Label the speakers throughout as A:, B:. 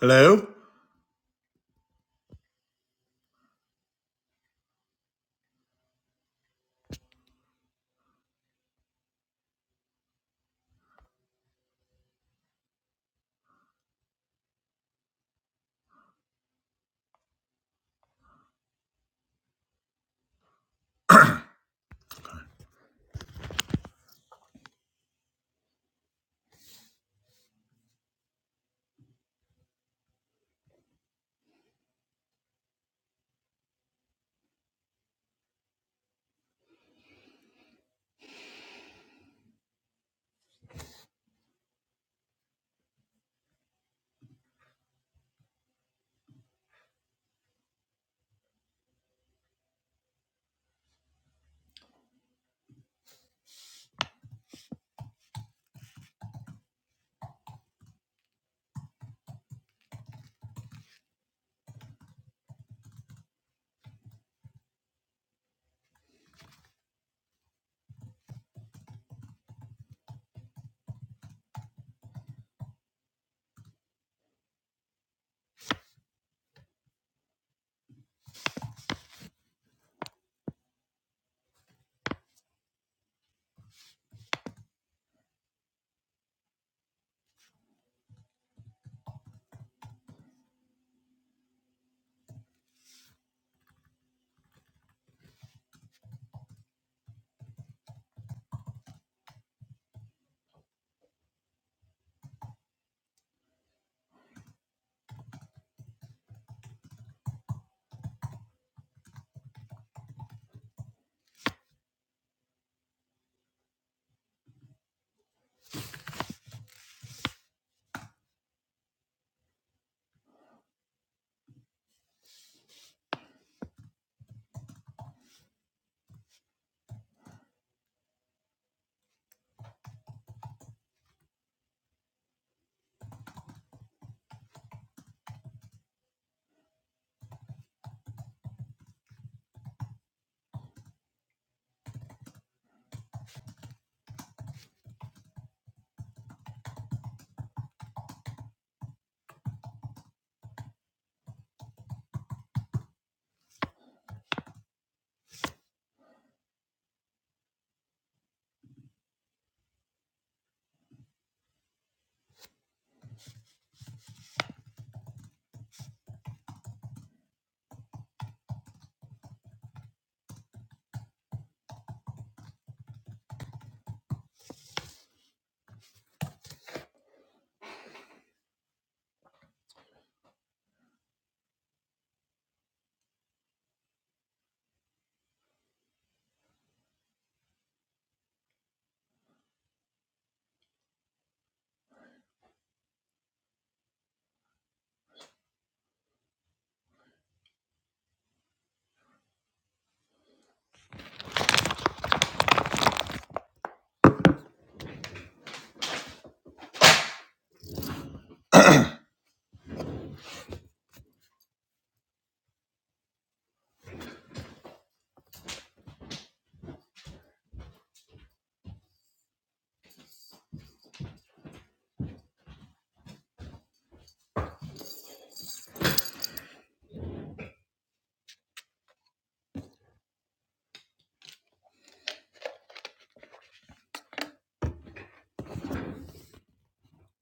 A: Hello?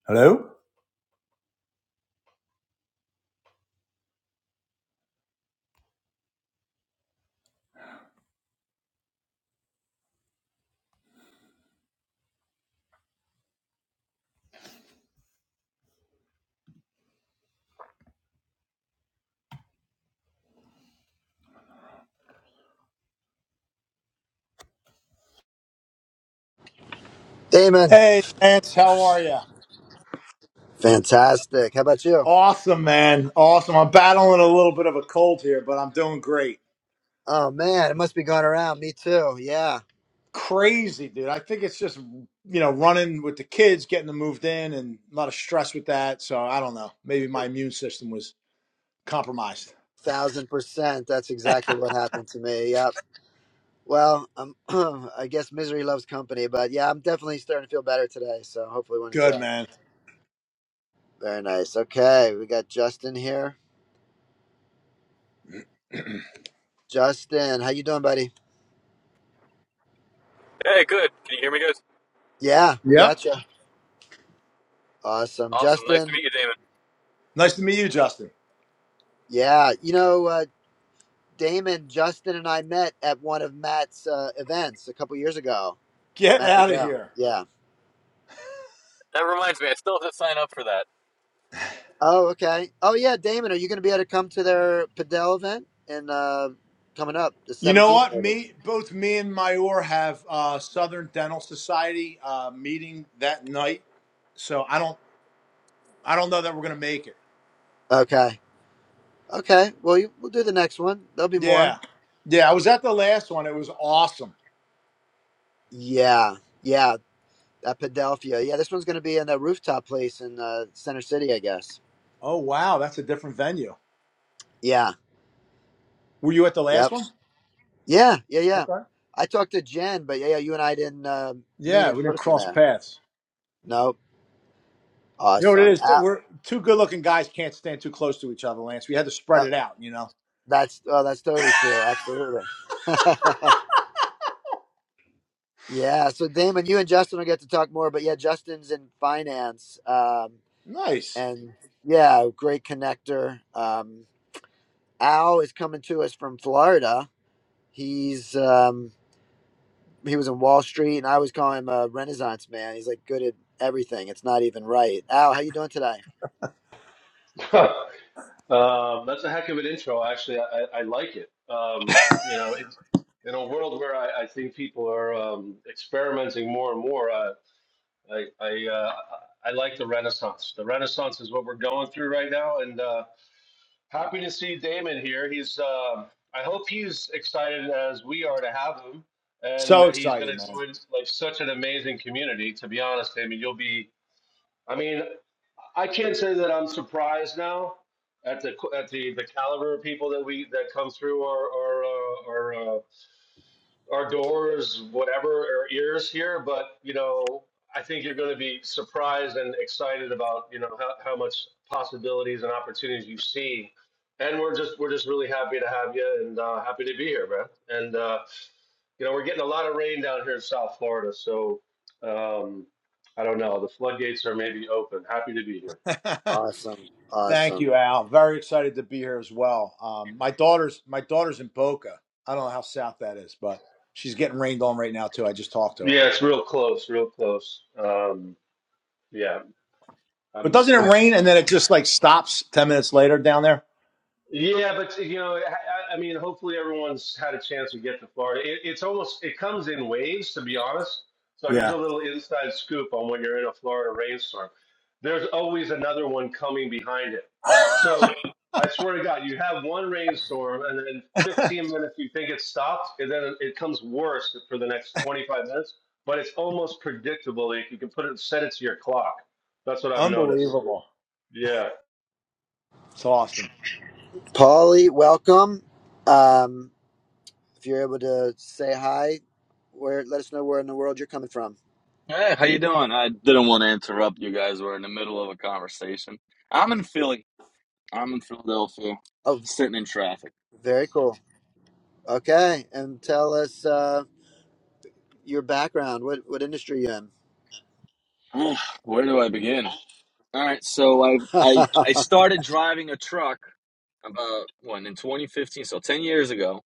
A: Hello?
B: Damon,
A: Hey, Lance, how are you?
B: fantastic. How about you?
A: Awesome, man. Awesome. I'm battling a little bit of a cold here, but I'm doing great.
B: Oh man, it must be going around. Me too. Yeah,
A: Crazy, dude. I think it's just, you know, running with the kids, getting them moved in, and a lot of stress with that. So I don't know. Maybe my immune system was compromised.
B: thousand percent. That's exactly what happened to me. Yep. Well, um, I guess misery loves company, but yeah, I'm definitely starting to feel better today. So hopefully, one are in
A: Good, man.
B: Very nice. Okay, we got Justin here. Justin, how you doing, buddy?
C: Hey, good. Can you hear me, guys?
B: Yeah, we
A: Yep.
B: got you. Awesome,
C: Awesome. Nice to
B: Justin.
C: meet you, Damon.
A: Nice to meet you, Justin.
B: Yeah, you know, uh, Damon, Justin, and I met at one of Matt's uh, events a couple years ago.
A: Get
B: Matt
A: out
B: Big
A: of here.
B: Yeah.
C: That reminds me, I still have to sign up for that.
B: Oh, okay. Oh, yeah, Damon, are you going to be able to come to their Padel event and uh, coming up the
A: You know
B: seventeenth?
A: what?
B: Maybe.
A: Me, both me and Mayor have uh, Southern Dental Society uh, meeting that night. So I don't. I don't know that we're gonna make it.
B: Okay. Okay. Well, you, we'll do the next one. There'll be more.
A: Yeah, yeah. I was at the last one. It was awesome.
B: Yeah. Yeah. At Padelphia. Yeah, this one's going to be in that rooftop place in uh, Center City, I guess.
A: Oh wow, that's a different venue.
B: Yeah.
A: Were you at the last
B: Yep.
A: one?
B: Yeah. Yeah. Yeah.
A: Okay.
B: I talked to Jen, but yeah, yeah, you and I didn't uh, meet
A: Yeah,
B: in
A: we didn't
B: person
A: cross
B: there.
A: paths.
B: Nope.
A: You know what it
B: Awesome.
A: is?
B: Uh,
A: We're two good-looking guys can't stand too close to each other, Lance. We had to spread
B: uh,
A: it out. You know.
B: that's oh, that's totally true. Absolutely. Yeah. So Damon, you and Justin will get to talk more, but yeah, Justin's in finance, um,
A: Nice.
B: and yeah, great connector. Um, Al is coming to us from Florida. He's um, he was in Wall Street, and I was calling him a Renaissance man. He's like good at everything. It's not even right. Al, how you doing today?
D: Huh. um, that's a heck of an intro. Actually, I, I I like it. Um, you know, it's, in a world where I, I think people are um, experimenting more and more, uh, I I, uh, I like the Renaissance. The Renaissance is what we're going through right now, and uh, happy to see Damon here. He's um I hope he's excited as we are to have him, and
A: So
D: that he's
A: excited,
D: going to
A: man.
D: join like such an amazing community. To be honest, Damon, you'll be. I mean. I can't say that I'm surprised now at the at the, the caliber of people that we that come through our our uh, our, uh, our doors, whatever our ears here. But you know, I think you're going to be surprised and excited about you know how, how much possibilities and opportunities you see. And we're just we're just really happy to have you and uh, happy to be here, man. And uh, you know, we're getting a lot of rain down here in South Florida, so um, I don't know. The floodgates are maybe open. Happy to be here.
B: Awesome,
A: Thank
B: awesome.
A: you, Al. Very excited to be here as well. Um, my daughter's my daughter's in Boca. I don't know how south that is, but she's getting rained on right now too. I just talked to her.
D: Yeah, it's real close, real close. Um, yeah,
A: But
D: I'm.
A: doesn't it
B: Uh,
D: I,
A: rain and then it just like stops 10 minutes later down there?
D: Yeah, but you know, I, I mean, hopefully everyone's had a chance to get to Florida. It, it's almost it comes in waves, to be honest. So here's
A: Yeah.
D: a little inside scoop on when you're in a Florida rainstorm. There's always another one coming behind it. So I swear to God, you have one rainstorm, and then in 15 minutes you think it's stopped, and then it comes worse for the next 25 minutes. But it's almost predictable. Like you can put it, set it to your clock. That's what I've noticed.
A: Unbelievable.
D: Yeah.
A: It's awesome.
B: Paulie, welcome. Um, if you're able to say hi, where let us know where in the world you're coming from.
E: Hey, how you doing? I didn't want to interrupt you guys. We're in the middle of a conversation. I'm in Philly. I'm in Philadelphia,
B: Oh,
E: sitting in traffic.
B: very cool. Okay, and tell us uh, your background. What what industry you
E: Ugh, Where do I begin? All right, so I
B: in?
E: I I started driving a truck about when in 2015, so 10 years ago.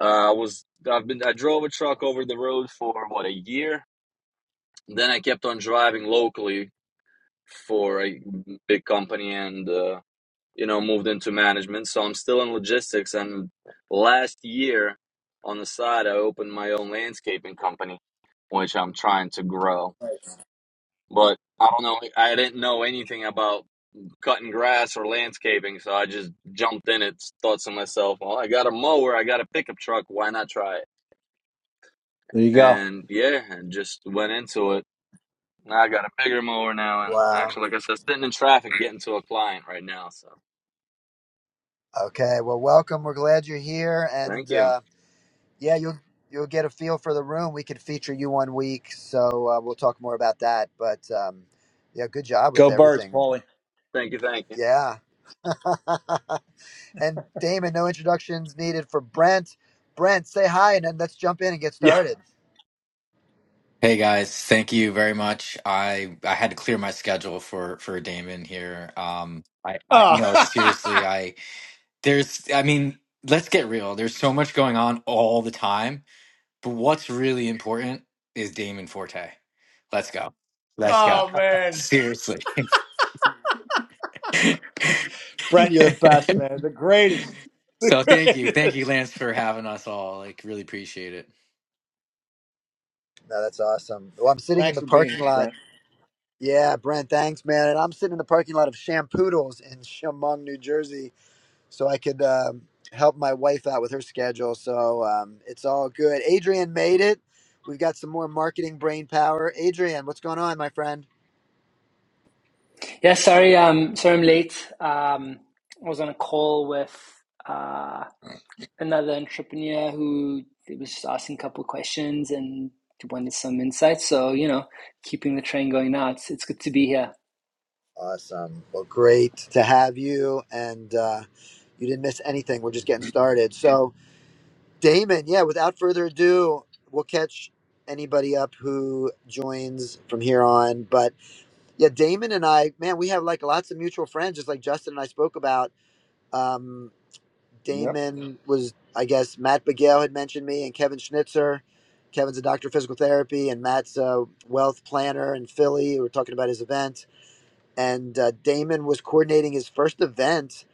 E: Uh, I was I've been I drove a truck over the road for what a year. Then I kept on driving locally for a big company and uh, you know, moved into management. So I'm still in logistics. And last year on the side, I opened my own landscaping company, which I'm trying to grow. But I don't know, I didn't know anything about cutting grass or landscaping. So I just jumped in it, thought to myself, well, I got a mower, I got a pickup truck. Why not try it?
A: There you go.
E: And yeah, and just went into it. Now I got a bigger mower now. And
B: wow.
E: actually, like I said, sitting in traffic, getting to a client right now. So
B: Okay. Well, welcome. We're glad you're here,
E: thank
B: and
E: you.
B: uh, yeah, you'll you'll get a feel for the room. We could feature you one week, so uh, we'll talk more about that. But um, yeah, good job
A: Go
B: with
A: birds,
B: everything.
A: Paulie.
E: Thank you. Thank you.
B: Yeah. and Damon, no introductions needed for Brent. Brent, say hi, and then let's jump in and get
A: Yeah.
B: started.
F: Hey guys, thank you very much. I I had to clear my schedule for for Damon here. Um I I
A: Oh,
F: no, seriously, I there's I mean, let's get real. There's so much going on all the time, but what's really important is Damon Forte. Let's go. Let's go.
A: oh man.
F: Seriously.
A: Brent, you're the best, man. The greatest.
F: So
A: The
F: thank you. Thank you
A: greatest.
F: Lance for having us all. Like really appreciate it.
B: No, that's awesome. Well, I'm sitting in
A: Thanks
B: the
A: for being
B: parking
A: here,
B: lot
A: Brent.
B: Yeah, Brent, thanks, man. And I'm sitting in the parking lot of Shampoodles in Chemung, New Jersey, so I could um, help my wife out with her schedule. So um, it's all good. Adrian made it. We've got some more marketing brain power. Adrian, what's going on, my friend?
G: Yeah, sorry, um, sorry I'm late. Um, I was on a call with uh, another entrepreneur who was just asking a couple of questions and wanted some insights. So, you know, keeping the train going now. It's it's good to be here.
B: Awesome. Well, great to have you. And uh, you didn't miss anything. We're just getting started. So, Damon, yeah, without further ado, we'll catch anybody up who joins from here on. But Yeah, Damon and I, man, we have like lots of mutual friends, just like Justin and I spoke about. Um,
A: Yep.
B: Damon was, I guess, Matt Begail had mentioned me, and Kevin Schnitzer. Kevin's a doctor of physical therapy, and Matt's a wealth planner in Philly. We were talking about his event, and uh, Damon was coordinating his first event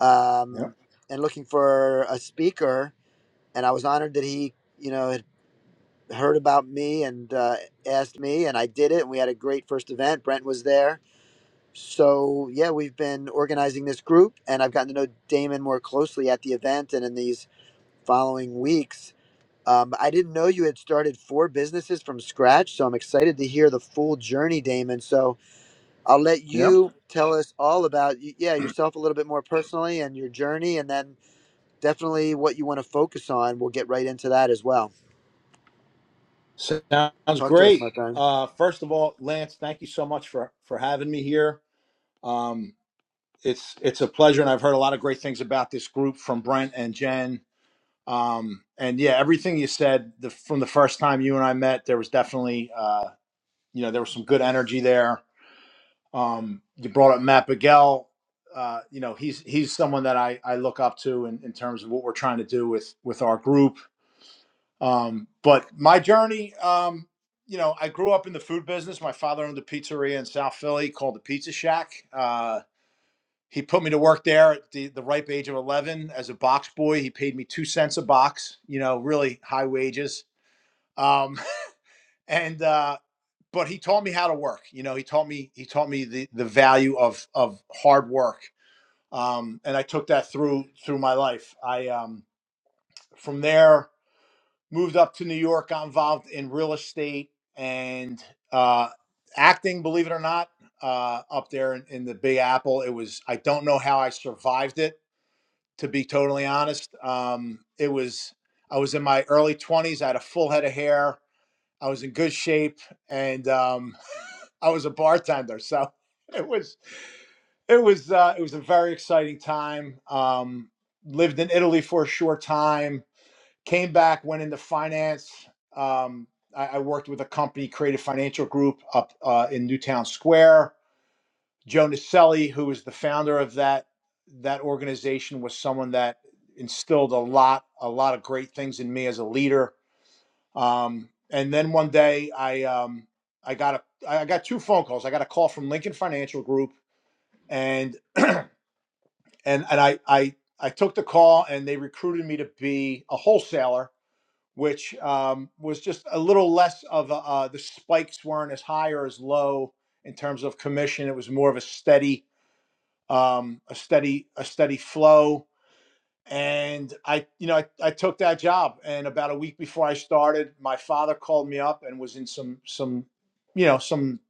B: um,
A: Yep.
B: and looking for a speaker. And I was honored that he, you know, had heard about me and uh, asked me, and I did it. And we had a great first event. Brent was there so yeah, we've been organizing this group, and I've gotten to know Damon more closely at the event and in these following weeks. Um, I didn't know you had started four businesses from scratch, so I'm excited to hear the full journey, Damon. So I'll let
A: Yep.
B: you tell us all about y- yeah yourself a little bit more personally and your journey, and then definitely what you want to focus on. We'll get right into that as well.
A: Sounds
B: Talk to us,
A: great.
B: my friend.
A: Uh, first of all, Lance, thank you so much for, for having me here. Um, it's it's a pleasure, and I've heard a lot of great things about this group from Brent and Jen. Um, and yeah, everything you said the, from the first time you and I met, there was definitely uh, you know there was some good energy there. Um, you brought up Matt Bigell. Uh, you know he's he's someone that I, I look up to in, in terms of what we're trying to do with with our group. Um, but my journey, um, you know, I grew up in the food business. My father owned a pizzeria in South Philly called the Pizza Shack. Uh, he put me to work there at the, the ripe age of 11 as a box boy. He paid me two cents a box, you know, really high wages. Um, and, uh, but he taught me how to work. You know, he taught me, he taught me the, the value of, of hard work. Um, and I took that through, through my life. I, um, from there moved up to New York, got involved in real estate and, uh, acting, believe it or not, uh, up there in, in the big apple. It was, I don't know how I survived it to be totally honest. Um, it was I was in my early twenties. I had a full head of hair. I was in good shape, and um, I was a bartender. So it was it was uh, it was a very exciting time. Um, lived in Italy for a short time. Came back, went into finance. Um, I, I worked with a company, Creative Financial Group, up uh, in Newtown Square Joe Naselli, who was the founder of that that organization, was someone that instilled a lot a lot of great things in me as a leader. Um, and then one day, I um, I got a I got two phone calls. I got a call from Lincoln Financial Group, and and and I I I took the call, and they recruited me to be a wholesaler. Which um, was just a little less of a, uh, the spikes weren't as high or as low in terms of commission. It was more of a steady, um, a steady a steady flow. And I, you know, I, I took that job. And about a week before I started, my father called me up and was in some some, you know, some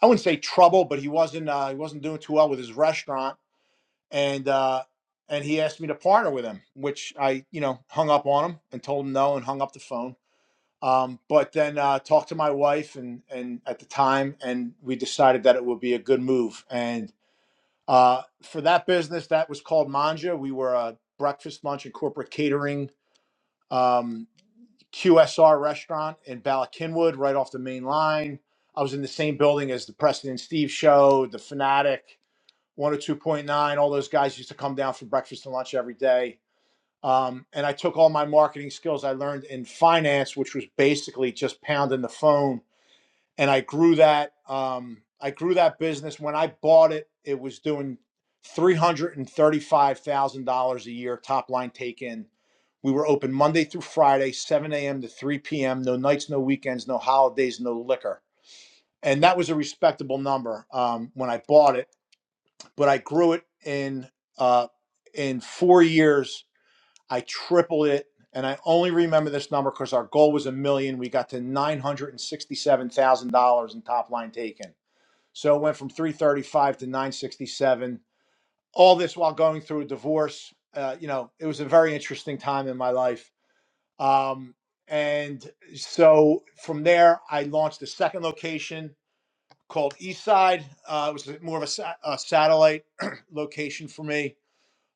A: I wouldn't say trouble, but he wasn't uh, he wasn't doing too well with his restaurant. And uh, and he asked me to partner with him, which I, you know, hung up on him and told him no and hung up the phone. Um, but then uh, talked to my wife and and at the time, and we decided that it would be a good move. And uh, for that business, that was called Manja. We were a breakfast, lunch, and corporate catering um, QSR restaurant in Ballackinwood, right off the main line. I was in the same building as the Preston and Steve Show, the Fanatic, 102.9. All those guys used to come down for breakfast and lunch every day. Um, and I took all my marketing skills I learned in finance, which was basically just pounding the phone and I grew that. Um, I grew that business. When I bought it, it was doing three hundred and thirty-five thousand dollars a year top line take in. We were open Monday through Friday, seven a.m. to three p.m. No nights, no weekends, no holidays, no liquor, and that was a respectable number um, when I bought it. But I grew it in uh, in four years. I tripled it. And I only remember this number because our goal was a million. We got to nine hundred and sixty-seven thousand dollars in top line taken so it went from 335 to 967. All this while going through a divorce. Uh, you know, it was a very interesting time in my life. Um, and so from there, I launched a second location called Eastside. Uh, it was more of a, sa- a satellite location for me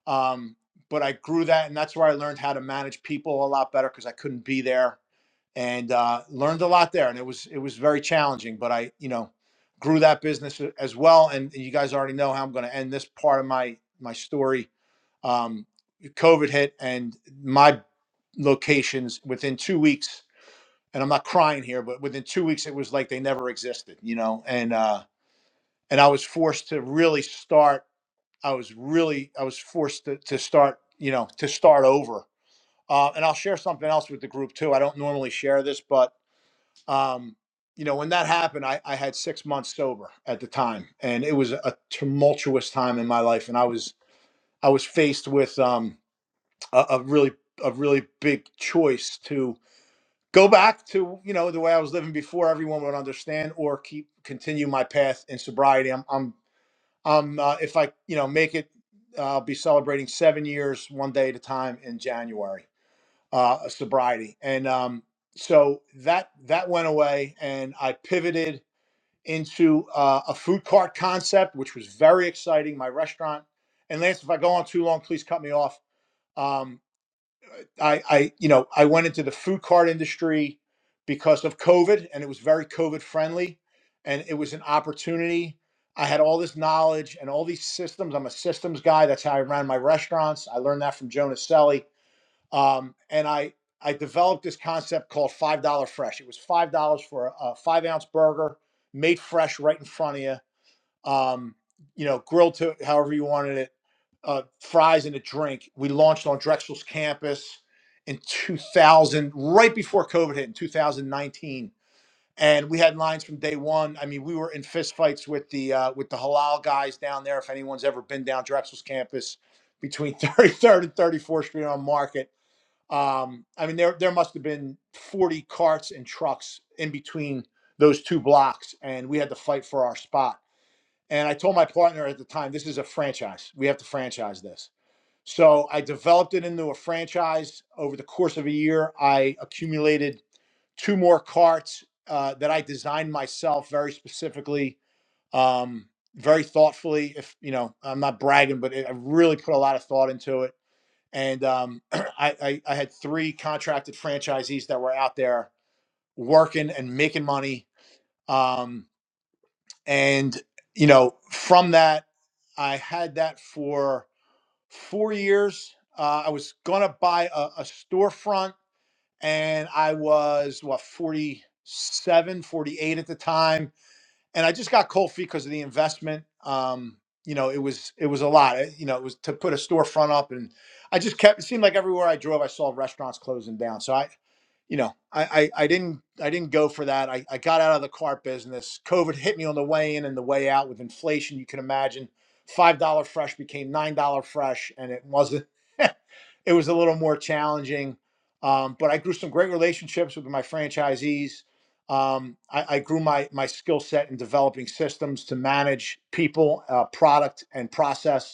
A: um, but I grew that, and that's where I learned how to manage people a lot better because I couldn't be there, and uh, learned a lot there. And it was it was very challenging, but I you know grew that business a- as well. And you guys already know how I'm going to end this part of my my story. Um, COVID hit, and my locations within two weeks and i'm not crying here but within two weeks it was like they never existed you know and uh and i was forced to really start I was really I was forced to, to start you know to start over. Uh, and I'll share something else with the group too. I don't normally share this, but um, you know when that happened, I, I had six months sober at the time, and it was a tumultuous time in my life. And I was I was faced with um, a, a really a really big choice to go back to you know the way I was living before everyone would understand, or keep continue my path in sobriety. I'm, I'm um, uh, if I, you know, make it, uh, I'll be celebrating seven years, one day at a time in January, uh, of sobriety. And um, so that that went away, and I pivoted into uh, a food cart concept, which was very exciting. My restaurant. And Lance, if I go on too long, please cut me off. Um, I, I, you know, I went into the food cart industry because of COVID, and it was very COVID friendly, and it was an opportunity. I had all this knowledge and all these systems. I'm a systems guy. That's how I ran my restaurants. I learned that from Jonas Selly, um, and I I developed this concept called five dollar fresh. It was five dollars for a, a five ounce burger made fresh right in front of you um, you know, grilled to however you wanted it, uh, fries and a drink. We launched on Drexel's campus in 2000, right before COVID hit in 2019. And we had lines from day one. I mean, we were in fistfights with the uh, with the halal guys down there. If anyone's ever been down Drexel's campus between 33rd and 34th Street on Market, um, I mean, there there must have been 40 carts and trucks in between those two blocks, and we had to fight for our spot and I told my partner at the time, this is a franchise. We have to franchise this. So I developed it into a franchise. Over the course of a year, I accumulated two more carts uh, that I designed myself very specifically, um, very thoughtfully. If you know, I'm not bragging, but it, I really put a lot of thought into it. And um, I, I, I had three contracted franchisees that were out there working and making money. Um, and you know, from that. I had that for four years. Uh, I was going to buy a, a storefront and I was, what, 47, 48 at the time. And I just got cold feet because of the investment. Um, you know, it was it was a lot. It- you know, it was to put a storefront up, and I just kept. It seemed like everywhere I drove, I saw restaurants closing down. So you know, I, I, I didn't I didn't go for that. I, I got out of the cart business. COVID hit me on the way in and the way out with inflation. You can imagine five dollar fresh became nine dollar fresh, and it wasn't. it was a little more challenging, um, but I grew some great relationships with my franchisees. Um, I, I grew my my skill set in developing systems to manage people, uh, product, and process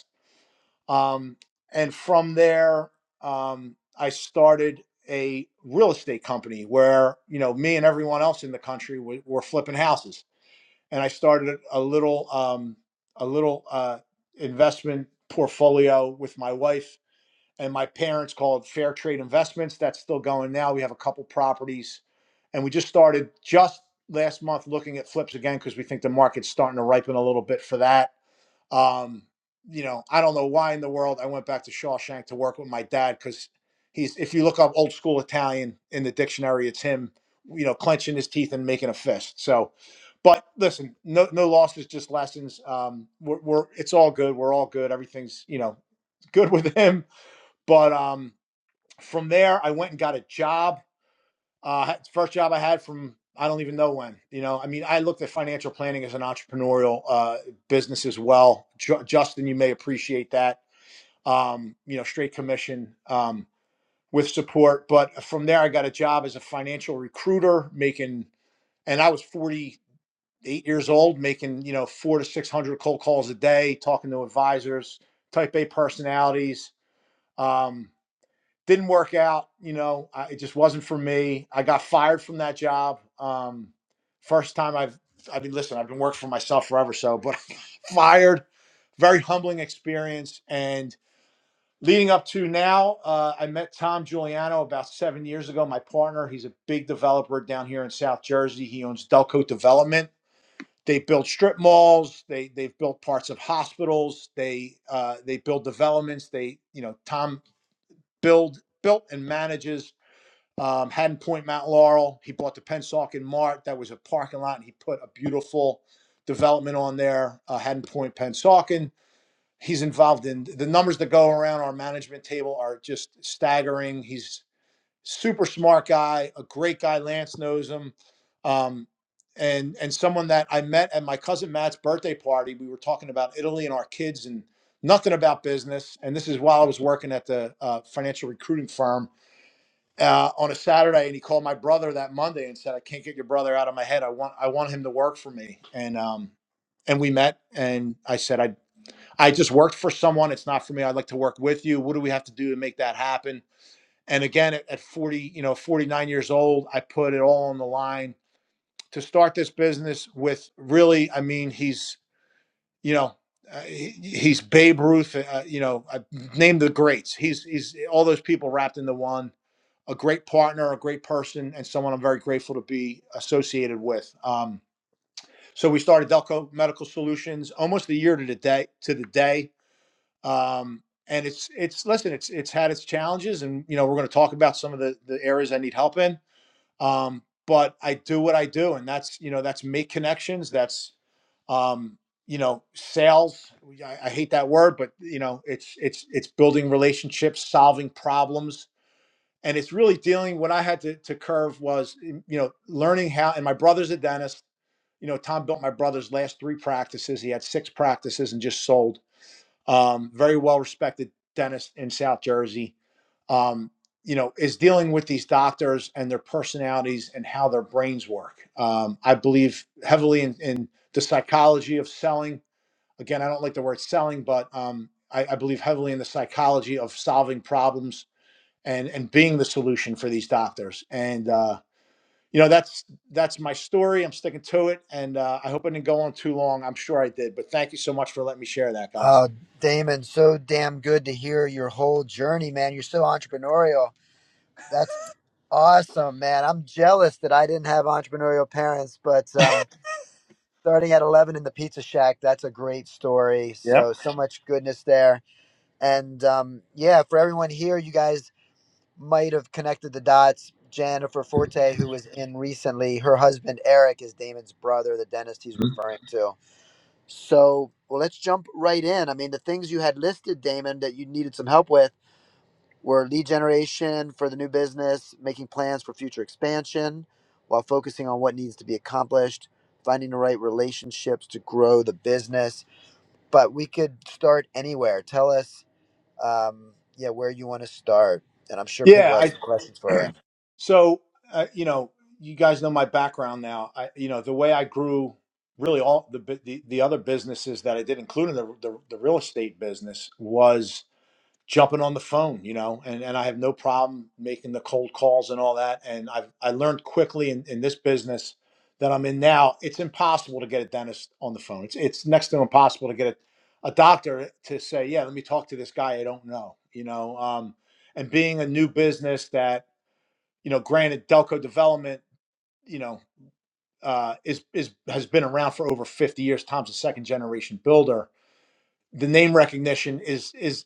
A: um, and from there, um, I started a real estate company where, you know, me and everyone else in the country were, were flipping houses. And I started a little, um, a little uh, investment portfolio with my wife and my parents called Fair Trade Investments. That's still going now. We have a couple properties and we just started just last month looking at flips again because we think the market's starting to ripen a little bit for that um, you know, I don't know why in the world I went back to Shawshank to work with my dad because he's if you look up old school Italian in the dictionary, it's him, you know, clenching his teeth and making a fist. So, but listen, no no losses, just lessons. Um, we're, we're it's all good. We're all good. Everything's you know good with him. But um, from there, I went and got a job uh, first job I had from I don't even know when. You know, I mean, I looked at financial planning as an entrepreneurial uh, business as well. Ju- Justin, you may appreciate that. Um, you know, straight commission um, with support. But from there, I got a job as a financial recruiter, making, and I was forty eight years old, making you know four to six hundred cold calls a day, talking to advisors, type A personalities. Um, didn't work out. You know, I, it just wasn't for me. I got fired from that job. Um, first time I've, I mean, listen, I've been working for myself forever, so, but fired, very humbling experience. And leading up to now, uh, I met Tom Giuliano about seven years ago, my partner. He's a big developer down here in South Jersey. He owns Delco Development. They build strip malls. They they've built parts of hospitals. They uh, they build developments. They you know Tom build built and manages um, Haddon Point, Mount Laurel. He bought the Pennsauken Mart. That was a parking lot, and he put a beautiful development on there, uh, Haddon Point, Pennsauken. He's involved in the numbers that go around our management table are just staggering. He's super smart guy, a great guy. Lance knows him, um, and and someone that I met at my cousin Matt's birthday party. We were talking about Italy and our kids and nothing about business. And this is while I was working at the uh, financial recruiting firm uh, on a Saturday, and he called my brother that Monday and said, "I can't get your brother out of my head. I want I want him to work for me." And um, and we met, and I said, "I I just worked for someone. It's not for me. I'd like to work with you. What do we have to do to make that happen?" And again, at, at 40, you know, 49 years old, I put it all on the line to start this business with really, I mean, he's you know, uh, he- he's Babe Ruth. Uh, you know, I named the greats. He's he's all those people wrapped into one. A great partner, a great person, and someone I'm very grateful to be associated with. Um, so we started Delco Medical Solutions almost a year to the day to the day. Um, and it's it's listen, it's it's had its challenges, and you know we're going to talk about some of the the areas I need help in. Um, but I do what I do, and that's you know that's make connections. That's um, you know, sales. I, I hate that word, but you know, it's it's it's building relationships, solving problems, and it's really dealing. What I had to to curve was, you know, learning how. And my brother's a dentist. You know, Tom built my brother's last three practices. He had six practices and just sold. Um, very well respected dentist in South Jersey. Um, you know, is dealing with these doctors and their personalities and how their brains work. Um, I believe heavily in, in the psychology of selling again, I don't like the word selling, but um, I, I believe heavily in the psychology of solving problems and and being the solution for these doctors. And uh, you know, that's that's my story. I'm sticking to it, and uh, I hope I didn't go on too long. I'm sure I did, but thank you so much for letting me share that, guys.
B: Uh, Damon, so damn good to hear your whole journey, man. You're so entrepreneurial That's. Awesome, man. I'm jealous that I didn't have entrepreneurial parents, but um, starting at 11 in the Pizza Shack, that's a great story.
A: Yeah.
B: So, so much goodness there. And um, yeah, for everyone here, you guys might have connected the dots. Jennifer Forte, who was in recently, her husband Eric is Damon's brother, the dentist he's referring to. So, well, let's jump right in. I mean, the things you had listed, Damon, that you needed some help with we're lead generation for the new business, making plans for future expansion while focusing on what needs to be accomplished, finding the right relationships to grow the business. But we could start anywhere. Tell us, um, yeah, where you want to start. And I'm sure people
A: Yeah,
B: have
A: I
B: some questions for you.
A: so uh, you know, you guys know my background now. I you know, the way I grew really all the bu- the, the other businesses that I did including the, the the real estate business was. jumping on the phone, you know, and, and I have no problem making the cold calls and all that. And I've I learned quickly in, in this business that I'm in now, it's impossible to get a dentist on the phone. It's it's next to impossible to get a, a doctor to say, yeah, let me talk to this guy I don't know, you know. Um, and being a new business that, you know, granted Delco Development, you know, uh, is is has been around for over 50 years. Tom's a second generation builder the name recognition is is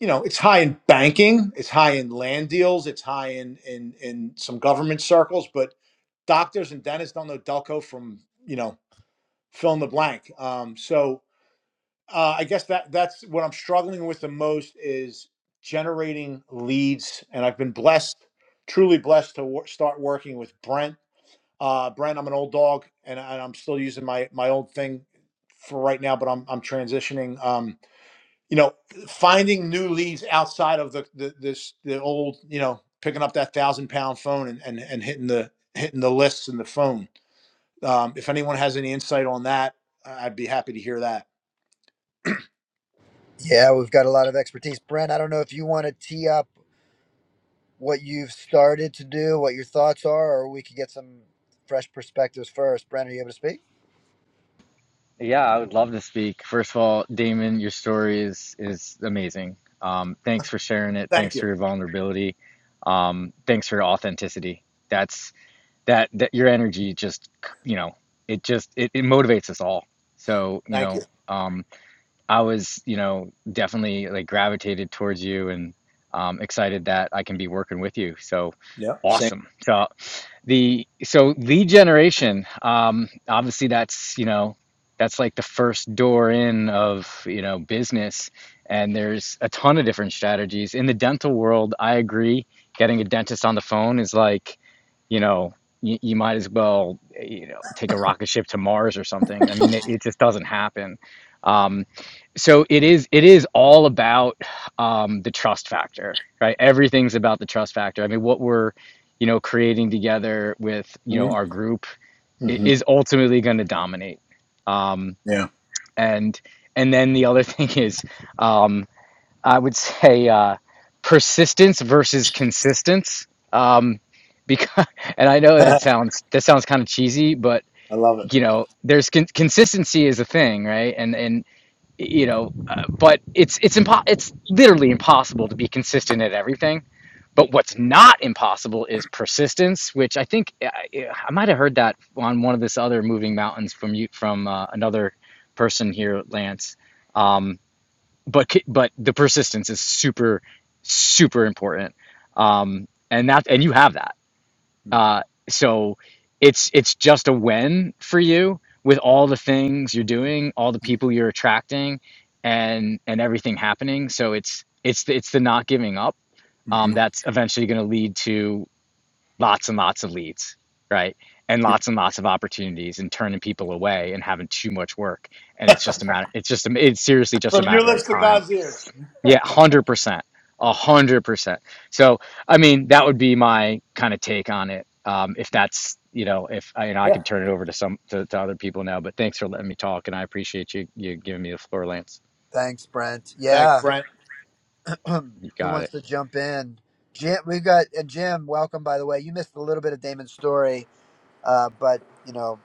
A: you know it's high in banking it's high in land deals it's high in in in some government circles but doctors and dentists don't know delco from you know fill in the blank um, so uh, i guess that that's what i'm struggling with the most is generating leads and i've been blessed truly blessed to wor- start working with brent uh, brent i'm an old dog and, I- and i'm still using my my old thing for right now but i'm, I'm transitioning Um, you know, finding new leads outside of the, the this the old, you know, picking up that thousand pound phone and, and and hitting the hitting the lists in the phone. Um, if anyone has any insight on that, I- I'd be happy to hear that.
B: Yeah, we've got a lot of expertise. Brent, I don't know if you want to tee up what you've started to do, what your thoughts are, or we could get some fresh perspectives first. Brent, are you able to speak?
F: Yeah, I would love to speak. First of all, Damon, your story is is amazing. Um, thanks for sharing it.
A: Thank
F: Thanks
A: you,
F: for your vulnerability. Um, thanks for your authenticity. That's that that your energy just you know it just it, it motivates us all. So you
A: thank you.
F: know. Um, I was, you know, definitely like gravitated towards you and um, excited that I can be working with you. So
A: Yeah, same.
F: awesome. So the so lead generation, um, obviously that's, you know, that's like the first door in of, you know, business. And there's a ton of different strategies. In the dental world, I agree, getting a dentist on the phone is like you know, you, you might as well, you know, take a rocket ship to Mars or something. I mean, it, it just doesn't happen. Um, so it is it is all about um, the trust factor, right? Everything's about the trust factor. I mean, what we're, you know, creating together with you know
A: Mm-hmm.
F: our group i-
A: Mm-hmm.
F: is ultimately going to dominate. Um,
A: Yeah,
F: and and then the other thing is, um, I would say uh, persistence versus consistence. Um, because, and I know that
A: I
F: sounds that sounds kind of cheesy, but
A: love it.
F: you know, there's con- consistency is a thing, right? And and you know, uh, but it's it's impo- it's literally impossible to be consistent at everything. But what's not impossible is persistence, which I think I, I might have heard that on one of this other moving mountains from you from uh, another person here, Lance. Um, but but the persistence is super super important um and that and you have that uh so it's it's just a win for you with all the things you're doing all the people you're attracting and and everything happening so it's it's the, it's the not giving up um
A: hmm
F: that's eventually going to lead to lots and lots of leads right and lots and lots of opportunities and turning people away and having too much work and it's just a matter it's just a, it's seriously just a
A: From your
F: matter of
A: lips to
F: time
A: God's ears.
F: yeah, 100%. A hundred percent. So, I mean, that would be my kind of take on it. Um, if that's, you know, if I, you know, I
A: Yeah.
F: can turn it over to some to, to other people now. But thanks for letting me talk, and I appreciate you you giving me the floor, Lance.
B: Thanks, Brent.
A: Thanks,
B: Yeah.
A: Brent.
F: You
B: who
F: got it.
B: wants to jump in? Jim, we've got and Jim. Welcome, by the way. You missed a little bit of Damon's story, uh, but you know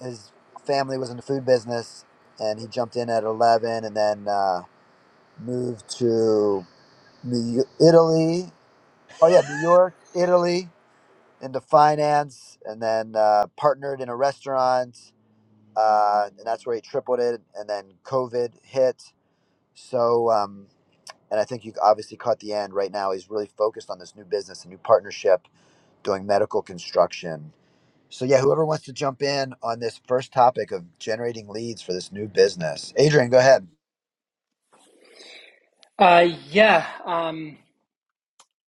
B: his family was in the food business, and he jumped in at eleven, and then uh, moved to New Y- Italy. Oh yeah, New York, Italy, into finance, and then uh, partnered in a restaurant, uh, and that's where he tripled it. And then COVID hit, so. Um, and I think you obviously caught the end. Right now, he's really focused on this new business, a new partnership, doing medical construction. So yeah, whoever wants to jump in on this first topic of generating leads for this new business, Adrian, go ahead.
G: Uh, yeah, um,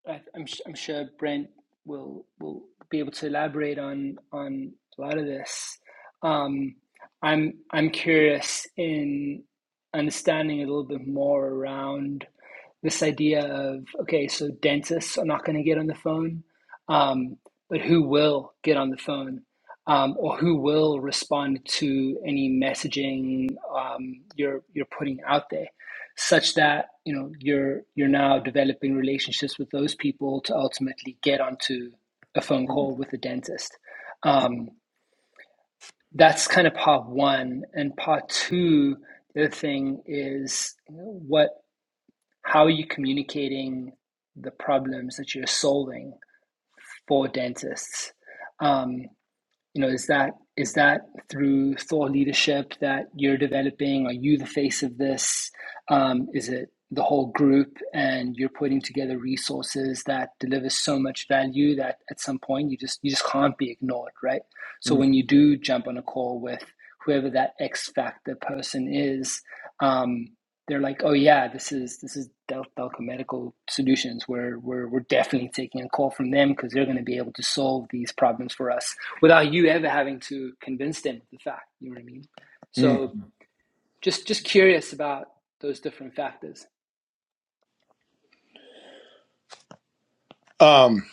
G: I, am i I'm sure Brent will will be able to elaborate on on a lot of this. Um, I'm I'm curious in understanding a little bit more around this idea of okay, so dentists are not going to get on the phone, um, but who will get on the phone, um, or who will respond to any messaging um, you're you're putting out there? such that you know you're you're now developing relationships with those people to ultimately get onto a phone
A: Mm,
G: call with a dentist. Um, that's kind of part one, and part two. The other thing is what how are you communicating the problems that you're solving for dentists? Um, you know is that is that through thought leadership that you're developing are you the face of this um, is it the whole group and you're putting together resources that deliver so much value that at some point you just you just can't be ignored right so
A: mm,
G: when you do jump on a call with whoever that x factor person is um, they're like oh yeah this is this is Del- delco medical solutions we're, we're we're definitely taking a call from them because they're going to be able to solve these problems for us without you ever having to convince them of the fact. You know what I mean? So
A: mm.
G: just just curious about those different factors.
A: Um.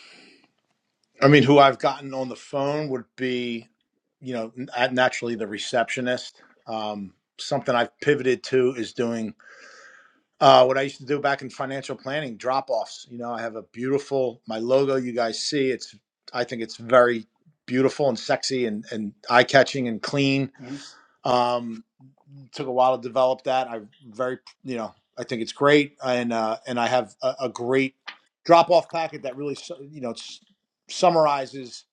A: I mean, who I've gotten on the phone would be, you know, n- uh, naturally the receptionist. Um, something I've pivoted to is doing uh, what I used to do back in financial planning drop offs. You know, I have a beautiful, my logo you guys see, it's, I think it's very beautiful and sexy and, and eye catching and clean.
G: hmm
A: Um, took a while to develop that. I very, you know, I think it's great. And, uh, and I have a, a great drop off packet that really, su- you know, it's, summarizes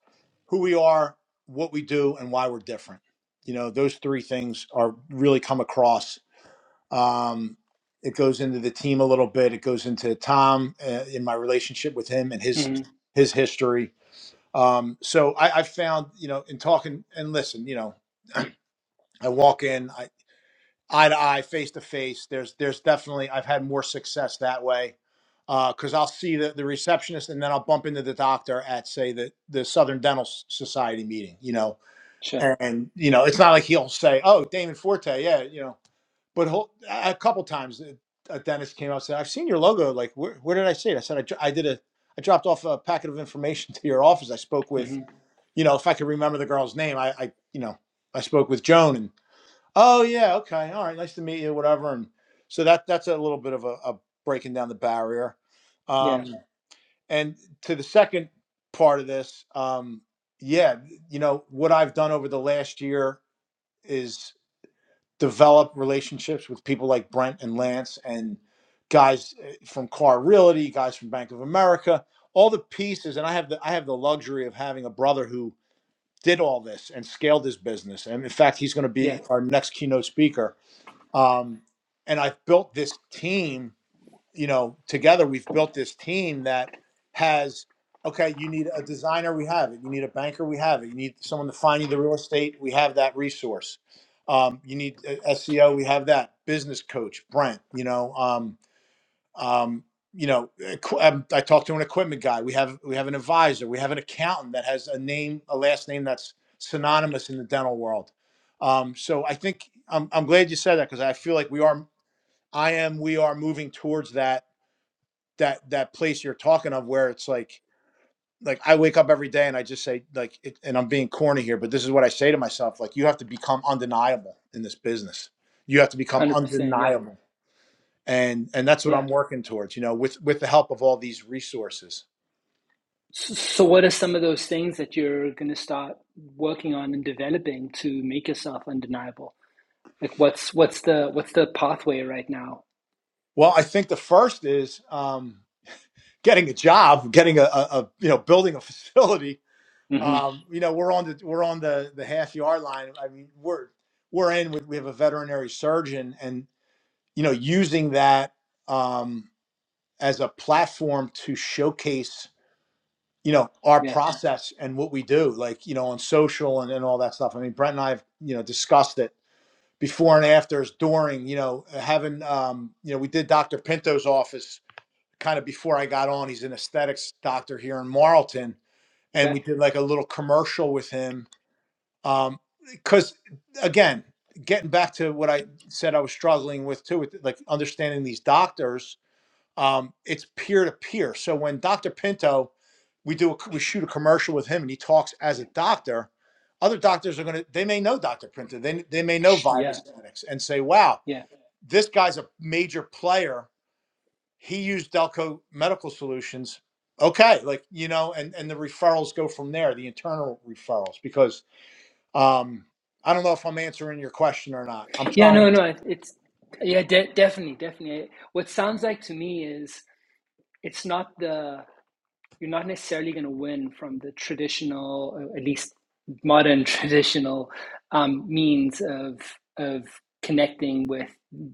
A: who we are, what we do, and why we're different. You know, those three things are really come across. Um, it goes into the team a little bit. It goes into Tom uh, in my relationship with him and his
G: hmm
A: his history. Um, so I, I found, you know, in talking and listen, you know, I walk in I, eye to eye, face to face. There's there's definitely I've had more success that way because I'll see the, the receptionist and then I'll bump into the doctor at say the the Southern Dental S- Society meeting. You know,
G: Sure.
A: and you know it's not like he'll say oh damon forte yeah you know but he'll, a a couple times uh, a dentist came out and said i've seen your logo like where, where did i see it i said I, dro- I did a i dropped off a packet of information to your office i spoke with
G: hmm
A: you know if i could remember the girl's name i, I you know i spoke with joan and oh yeah okay all right nice to meet you whatever and so that that's a little bit of a, a breaking down the barrier
G: Yeah.
A: um and to the second part of this um yeah you know what i've done over the last year is develop relationships with people like Brent and Lance and guys eh, from Car Realty, guys from Bank of America, all the pieces. And I have the I have the luxury of having a brother who did all this and scaled his business. And in fact, he's going to
G: Yeah.
A: be our next keynote speaker. Um, and I've built this team you know, together we've built this team that has okay, you need a designer, we have it. You need a banker, we have it. You need someone to find you the real estate, we have that resource. Um, you need a SEO, we have that. Business coach, Brent, you know, um, um, you know, equ- um, I talked to an equipment guy. We have we have an advisor. We have an accountant that has a name, a last name that's synonymous in the dental world. Um, so I think I'm, I'm glad you said that because I feel like we are, I am, we are moving towards that that that place you're talking of where it's like like I wake up every day and I just say like it, and I'm being corny here, but this is what I say to myself like you have to become undeniable in this business. You have to
G: one
A: become
G: Hundred percent. Yeah.
A: undeniable. And and that's what
G: Yeah.
A: I'm working towards, you know, with with the help of all these resources.
G: So, so what are some of those things that you're going to start working on and developing to make yourself undeniable? Like what's what's the what's the pathway right now?
A: Well, I think the first is um getting a job, getting a, a, a you know, building a facility.
G: hmm
A: Um, you know, we're on the we're on the the half yard line. I mean, we're we're in with we have a veterinary surgeon and you know using that um, as a platform to showcase you know our
G: Yeah.
A: process and what we do like you know on social and, and all that stuff i mean brent and i have you know discussed it before and afters during you know having um, you know we did dr pinto's office kind of before i got on he's an aesthetics doctor here in marlton and
G: Okay.
A: we did like a little commercial with him um because again getting back to what i said i was struggling with too with like understanding these doctors um, it's peer to peer. So when Dr. Pinto, we do a, we shoot a commercial with him, and he talks as a doctor. Other doctors are gonna they may know Dr. Pinto, they they may know
G: Yeah.
A: Vivus and say, "Wow,
G: Yeah.
A: this guy's a major player. He used Delco Medical Solutions." Okay, like you know, and and the referrals go from there, the internal referrals, because um, I don't know if I'm answering your question or not. I'm
G: Yeah.
A: trying
G: No. No. It's yeah. De- definitely. Definitely. What sounds like to me is it's not the you're not necessarily going to win from the traditional, uh, at least modern traditional um, means of of connecting with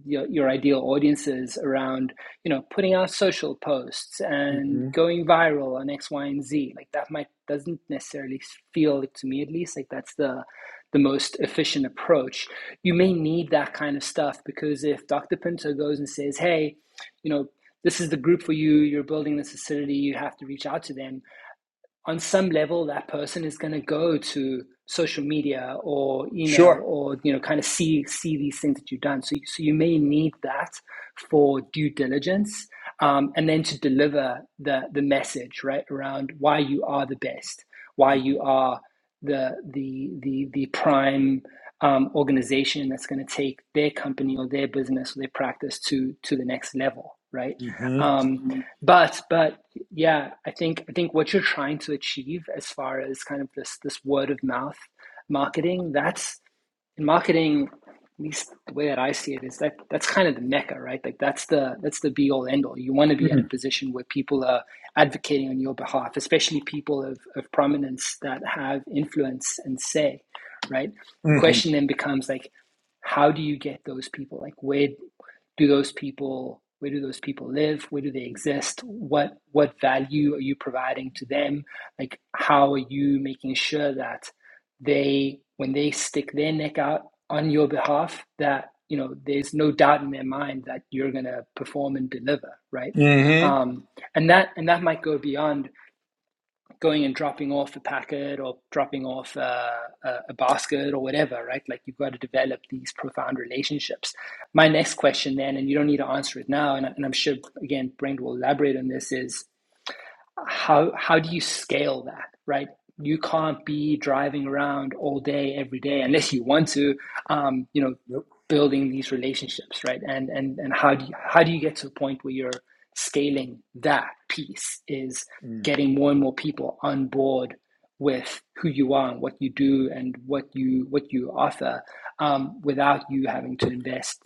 G: your, your ideal audiences around you know putting out social posts
A: to.
G: and
A: Mhm.
G: going viral on X, Y, and Z. Like that might doesn't necessarily feel like, to me at least like that's the the most efficient approach. You may need that kind of stuff because if Dr. Pinto goes and says, hey, you know, this is the group for you. You're building this facility. You have to reach out to them on some level that person is going to go to social media or email
A: Sure.
G: or you know kind of see see these things that you've done so, so you may need that for due diligence um, and then to deliver the the message right around why you are the best why you are the the the, the prime um, organization that's going to take their company or their business or their practice to to the next level right
A: hmm
G: um, but but yeah, I think I think what you're trying to achieve as far as kind of this this word of mouth marketing, that's in marketing, at least the way that I see it is that that's kind of the mecca, right? Like that's the that's the be all end all. You want to
A: hmm
G: be at a position where people are advocating on your behalf, especially people of, of prominence that have influence and say, right? The question then becomes like, how do you get those people? Like where do those people where do those people live? Where do they exist? What what value are you providing to them? Like how are you making sure that they when they stick their neck out on your behalf that you know there's no doubt in their mind that you're going to perform and deliver right
A: hmm
G: um, and that and that might go beyond going and dropping off a packet or dropping off uh, a, a basket or whatever right like you've got to develop these profound relationships my next question then and you don't need to answer it now and, and i'm sure again brent will elaborate on this is how how do you scale that right you can't be driving around all day every day unless you want to um, you know
A: Yep.
G: building these relationships right and and and how do you, how do you get to a point where you're scaling that piece is getting more and more people on board with who you are and what you do and what you what you offer um, without you having to invest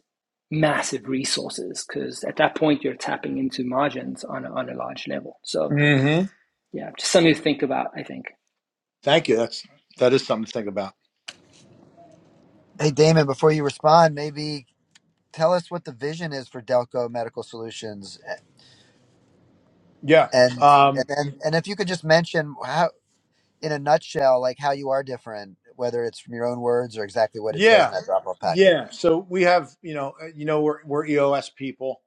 G: massive resources because at that point you're tapping into margins on a, on a large level so
A: Mm-hmm.
G: yeah, just something to think about, I think.
A: Thank you. That's that is something to think about.
B: Hey, Damon, before you respond, maybe tell us what the vision is for Delco Medical Solutions,
A: Yeah.
B: and and
A: Um,
B: and, and if you could just mention how, in a nutshell, like how you are different, whether it's from your own words or exactly what it says in
A: yeah.
B: that drop-off packet.
A: Yeah. So we have, you know, uh, you know, we're we're EOS people.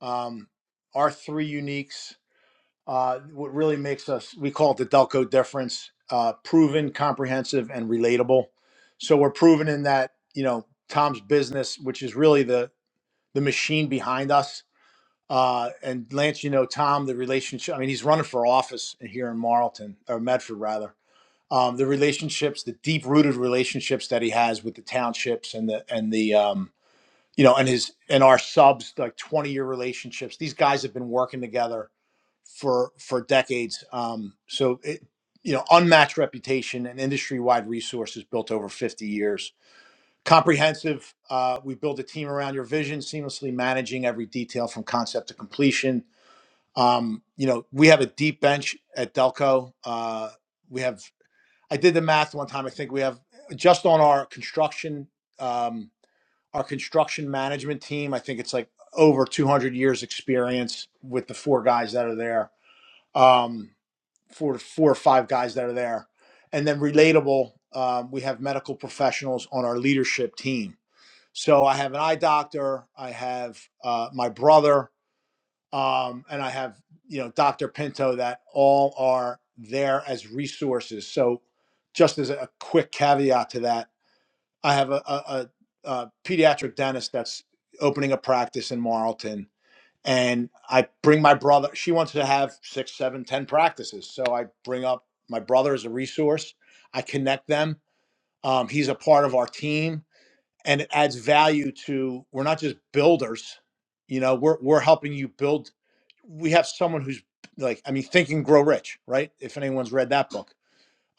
A: Um, our three uniques. Uh, what really makes us, we call it the Delco difference: uh, proven, comprehensive, and relatable. So we're proven in that, you know, Tom's business, which is really the the machine behind us. Uh, and Lance, you know, Tom, the relationship, I mean, he's running for office here in Marlton, or Medford rather. Um, the relationships, the deep rooted relationships that he has with the townships and the, and the, um, you know, and his, and our subs, like 20 year relationships. These guys have been working together for, for decades. Um, so it, you know, unmatched reputation and industry wide resources built over 50 years. Comprehensive. Uh, we build a team around your vision, seamlessly managing every detail from concept to completion um, you know, we have a deep bench at Delco. Uh, we have, I did the math one time. I think we have just on our construction, um, our construction management team. I think it's like over 200 years experience with the four guys that are there. Um, four, four or five guys that are there, and then relatable. Um, we have medical professionals on our leadership team. So I have an eye doctor. I have uh, my brother um, and I have you know Dr. Pinto that all are there as resources. So just as a quick caveat to that, I have a, a, a, a pediatric dentist that's opening a practice in Marlton, and I bring my brother. She wants to have six, seven, ten practices, so I bring up my brother as a resource. I connect them. Um, he's a part of our team, and it adds value to. We're not just builders, you know. We're we're helping you build we have someone who's like, I mean, Think and Grow Rich, right? If anyone's read that book,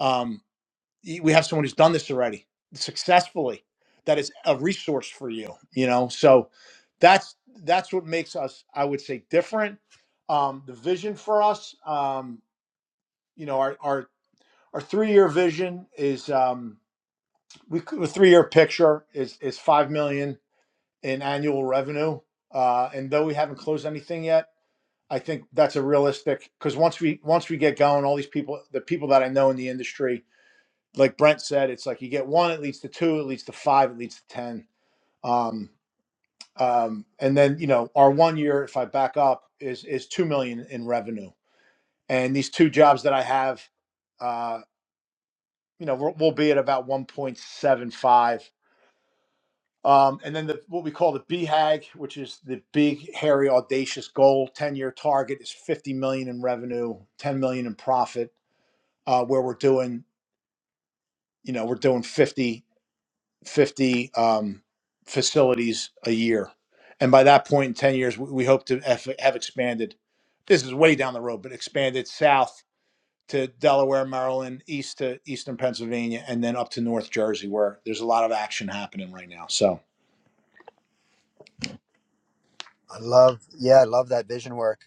A: um, we have someone who's done this already successfully. That is a resource for you, you know. So that's that's what makes us, I would say, different. Um, the vision for us, um, you know, our our our three year vision is um, we c- the three year picture is is five million in annual revenue. Uh, and though we haven't closed anything yet, I think that's a realistic because once we once we get going, all these people, the people that I know in the industry, like Brent said, it's like you get one, it leads to two, it leads to five, it leads to ten. Um, um, and then you know our one year, if I back up, is is two million in revenue, and these two jobs that I have, uh, you know, we'll, we'll be at about one point seven five. Um, and then the, what we call the BHAG, which is the big, hairy, audacious goal, ten-year target is fifty million in revenue, ten million in profit uh, where we're doing, you know, we're doing 50 50 um, facilities a year. And by that point in 10 years, we, we hope to have, have expanded. This is way down the road, but expanded south to Delaware, Maryland, east to eastern Pennsylvania, and then up to North Jersey, where there's a lot of action happening right now. So,
B: I love, yeah, I love that vision work.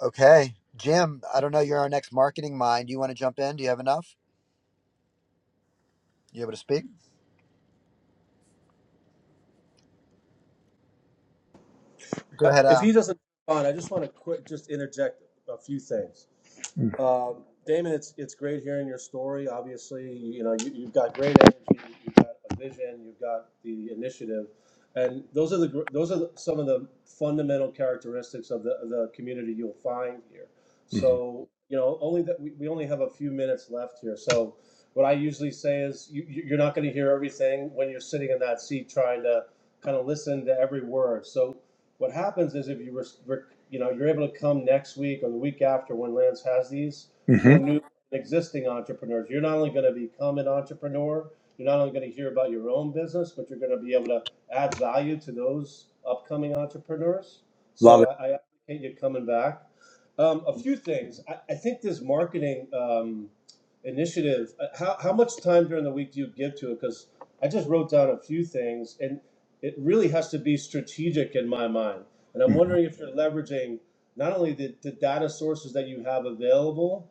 B: Okay. Jim, I don't know. You're our next marketing mind. You want to jump in? Do you have enough? You able to speak? Go
D: Uh,
B: ahead.
D: if
B: Uh,
D: he doesn't respond, I just want to quick just interject a few things. Um, Damon, it's it's great hearing your story. Obviously, you, know you, you've got great energy, you've got a vision, you've got the initiative, and those are the gr- those are the, some of the fundamental characteristics of the of the community you'll find here.
A: Mhm.
D: So you know only that we, we only have a few minutes left here. So what I usually say is you, you- you're not going to hear everything when you're sitting in that seat trying to kind of listen to every word. So what happens is if you were, you know, you're able to come next week or the week after when Lance has these for
A: Mhm.
D: new and existing entrepreneurs, you're not only going to become an entrepreneur, you're not only going to hear about your own business, but you're going to be able to add value to those upcoming entrepreneurs.
A: love
D: So
A: it.
D: I, I appreciate you coming back. Um, a few things. I, I think this marketing um, initiative. uh, How how much time during the week do you give to it? Because I just wrote down a few things, and it really has to be strategic in my mind. And I'm
A: Mhm.
D: wondering if you're leveraging not only the, the data sources that you have available,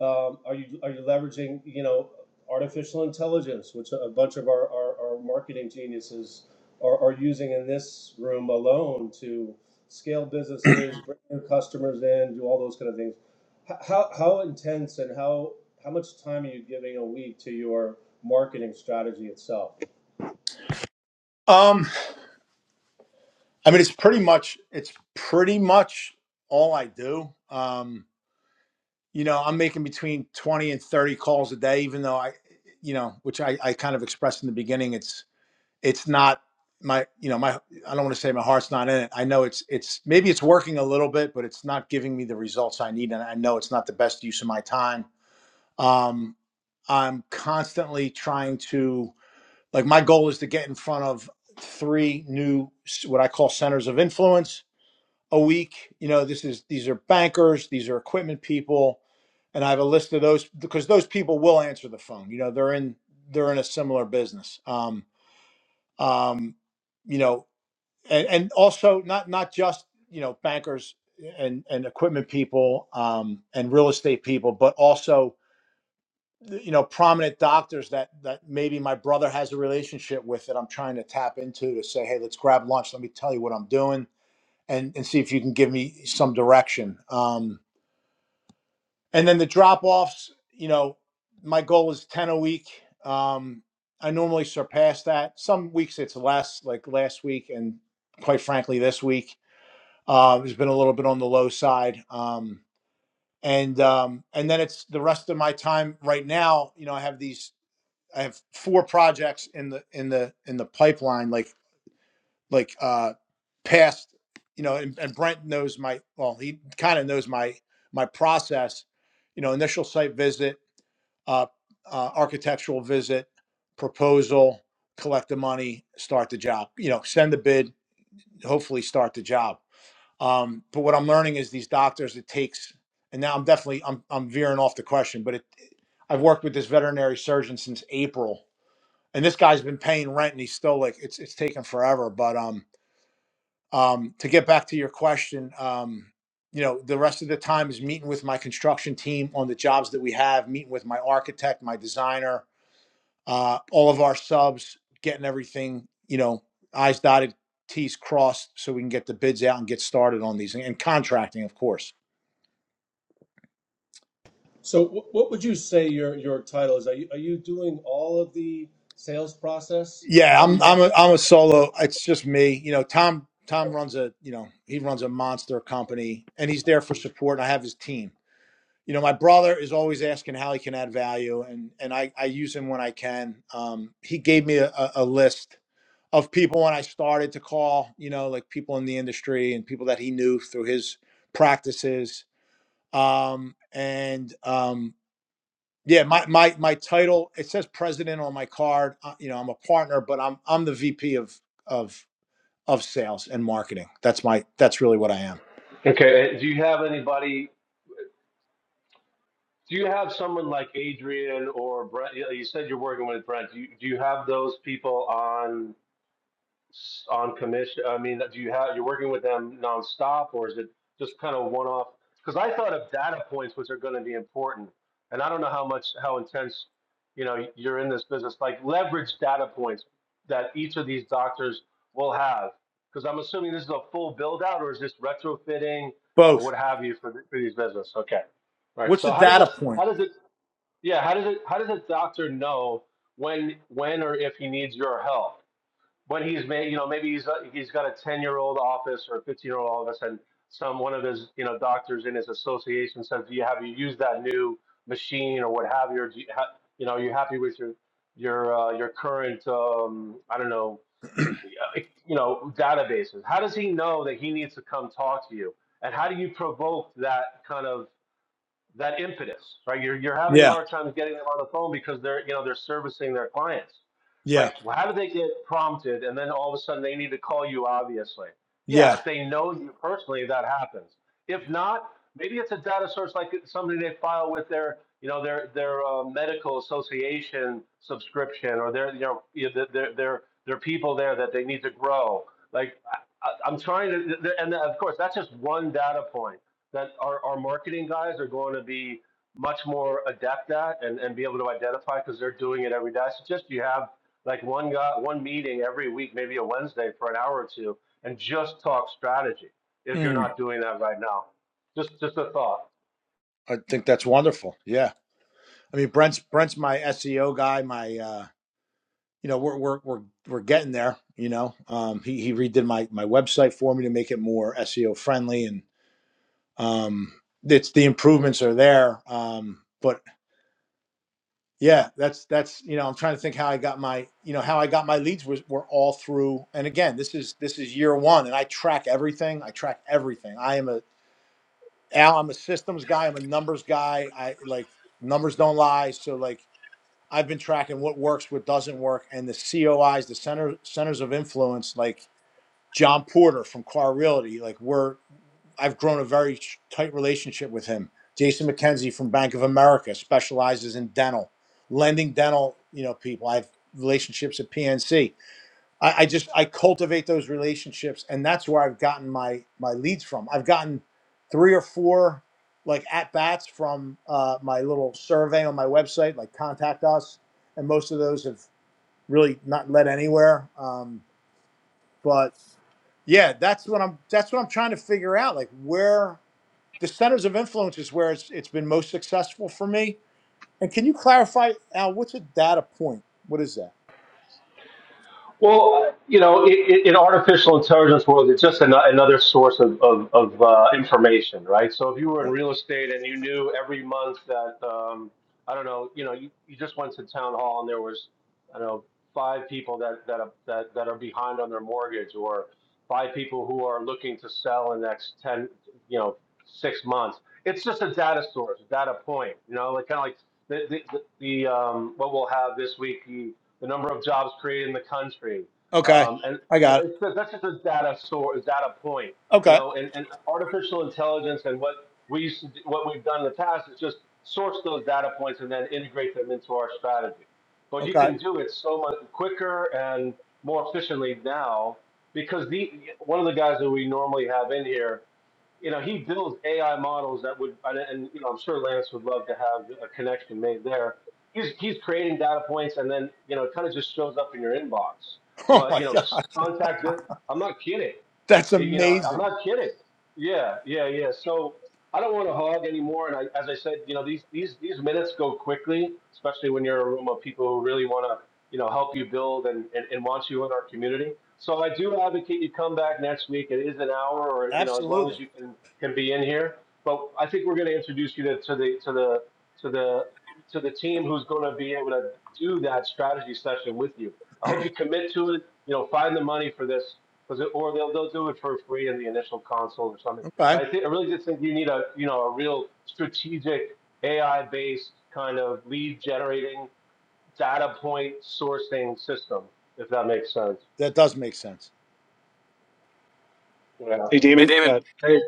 D: um, are you are you leveraging you know artificial intelligence, which a bunch of our, our, our marketing geniuses are, are using in this room alone to scale businesses, bring new customers in, do all those kind of things. H- How, how intense and how how much time are you giving a week to your marketing strategy itself?
A: um, I mean, it's pretty much, it's pretty much all I do. Um, you know, I'm making between 20 and 30 calls a day, even though I, you know, which I, I kind of expressed in the beginning, it's, it's not my, you know, my, I don't want to say my heart's not in it. I know it's, it's, maybe it's working a little bit, but it's not giving me the results I need. And I know it's not the best use of my time. Um, I'm constantly trying to, like, my goal is to get in front of three new, what I call centers of influence a week. You know, this is these are bankers, these are equipment people, and I have a list of those because those people will answer the phone. You know, they're in they're in a similar business. Um, um, you know, and, and also not not just you know bankers and and equipment people um, and real estate people, but also you know prominent doctors that that maybe my brother has a relationship with that I'm trying to tap into to say, hey, let's grab lunch. Let me tell you what I'm doing and and see if you can give me some direction. Um, and then the drop offs, you know, my goal is ten a week. Um, I normally surpass that. Some weeks it's less, like last week, and quite frankly, this week uh, has been a little bit on the low side. Um, and um, and then it's the rest of my time right now. You know, I have these. I have four projects in the in the in the pipeline. Like like uh past you know and, and brent knows my well he kind of knows my my process you know initial site visit uh, uh architectural visit proposal collect the money start the job you know send the bid hopefully start the job um but what i'm learning is these doctors it takes and now i'm definitely i'm, I'm veering off the question but it i've worked with this veterinary surgeon since april and this guy's been paying rent and he's still like it's it's taken forever but um um, to get back to your question, um, you know, the rest of the time is meeting with my construction team on the jobs that we have, meeting with my architect, my designer, uh, all of our subs, getting everything, you know, I's dotted, T's crossed, so we can get the bids out and get started on these and, and contracting, of course.
D: So, wh- what would you say your your title is? Are you are you doing all of the sales process
A: Yeah,
D: and
A: I'm I'm a,
D: marketing?
A: I'm a solo. It's just me. You know, Tom Tom runs a you know he runs a monster company and he's there for support. And I have his team you know, my brother is always asking how he can add value, and and I, I use him when I can. Um, he gave me a, a list of people when I started to call, you know, like people in the industry and people that he knew through his practices. Um, and um, yeah, my my my title it says president on my card. Uh, you know, I'm a partner, but I'm I'm the VP of of of sales and marketing. That's my that's really what I am.
D: Okay, and do you have anybody? Do you have someone like Adrian or Brent? You you said you're working with Brent. Do you, do you have those people on? s- on commission? I mean, do you have, you're working with them nonstop or is it just kind of one off? Because I thought of data points, which are going to be important. And I don't know how much, how intense, you know, you're in this business, like leverage data points that each of these doctors will have. Because I'm assuming this is a full build out or is this retrofitting or
A: Both.
D: what have you for, th- for these business? Okay. All right.
A: What's the
D: So how does
A: data
D: it,
A: point?
D: how does it, yeah, how does it, how does a doctor know when, when or if he needs your help? but he's made you know maybe he's uh, he's got a 10 year old office or a 15 year old office and some one of his you know doctors in his association says do you have you used that new machine or what have you or do you, ha- you know are you happy with your your uh, your current um, i don't know uh, you know databases how does he know that he needs to come talk to you and how do you provoke that kind of that impetus, right? You're, you're having
A: Yeah,
D: hard times getting them on the phone because they're, you know, they're servicing their clients,
A: yeah,
D: right? Well, how do they get prompted and then all of a sudden they need to call you, obviously? Yeah,
A: yeah.
D: if they know you personally, that happens. If not, maybe it's a data source like it's something they file with their, you know, their, their uh, medical association subscription or their, you know, their, their, their people there that they need to grow. Like, I- I'm trying to, and of course, that's just one data point that our, our marketing guys are going to be much more adept at and, and be able to identify because they're doing it every day. So just you have like one guy, one meeting every week, maybe a Wednesday for an hour or two, and just talk strategy if you're
A: Mm,
D: not doing that right now. Just just a thought.
A: I think that's wonderful. Yeah, I mean Brent's Brent's my SEO guy. My uh, you know we're we're we're we're getting there. You know, um, he he redid my my website for me to make it more SEO friendly, and um, it's the improvements are there. Um, but Yeah, that's that's you know I'm trying to think how I got my you know how I got my leads was were all through and again this is this is year one and I track everything I track everything I am a Al I'm a systems guy I'm a numbers guy I like numbers don't lie so like I've been tracking what works what doesn't work and the COIs the center centers of influence like John Porter from Car Realty like we're I've grown a very tight relationship with him. Jason McKenzie from Bank of America specializes in dental, lending dental, you know, people. I have relationships at PNC. I, I just I cultivate those relationships, and that's where I've gotten my my leads from. I've gotten three or four like at bats from uh, my little survey on my website, like contact us, and most of those have really not led anywhere. Um, but yeah that's what i'm that's what i'm trying to figure out like where the centers of influence is where it's it's been most successful for me and can you clarify al what's a data point what is that
D: Well, you know, in, in artificial intelligence world, it's just an, another source of, of, of uh, information, right? So if you were in
A: okay,
D: real estate and you knew every month that, um, I don't know, you know, you, you just went to town hall and there was, I don't know, five people that, that, are, that, that are behind on their mortgage or five people who are looking to sell in the next 10, you know, six months. It's just a data source, a data point, you know, like kind of like the, the, the, the um, what we'll have this week, the the number of jobs created in the country,
A: okay.
D: um, and
A: i
D: you know,
A: got
D: it's,
A: it
D: that's just a data source, data point. You
A: okay
D: know, and, and artificial intelligence and what we used to do, what we've done in the past is just source those data points and then integrate them into our strategy. But you
A: okay
D: can do it so much quicker and more efficiently now because the one of the guys that we normally have in here you know, he builds AI models that would, and, and you know, I'm sure Lance would love to have a connection made there he's he's creating data points and then you know it kind of just shows up in your inbox
A: oh
D: well
A: my
D: you know
A: god
D: contact this i'm not kidding
A: that's
D: you know i'm
A: amazing
D: not kidding yeah yeah yeah so i don't want to hog anymore and I, as i said you know these these these minutes go quickly especially when you're in a room of people who really want to you know help you build and, and and want you in our community so i do advocate you come back next week it is an hour or you know as long as
A: absolutely
D: you can can be in here but i think we're going to introduce you to, to the to the to the to the team who's going to be able to do that strategy session with you. I hope you commit to it. You know, find the money for this, because or they'll they'll do it for free in the initial console or something.
A: okay
D: But I think I really just think you need a you know a real strategic AI based kind of lead generating data point sourcing system, if that makes sense.
A: that does make sense
D: Yeah.
H: Hey,
C: Hey,
H: Damon.
C: Damon,
H: Uh, hey,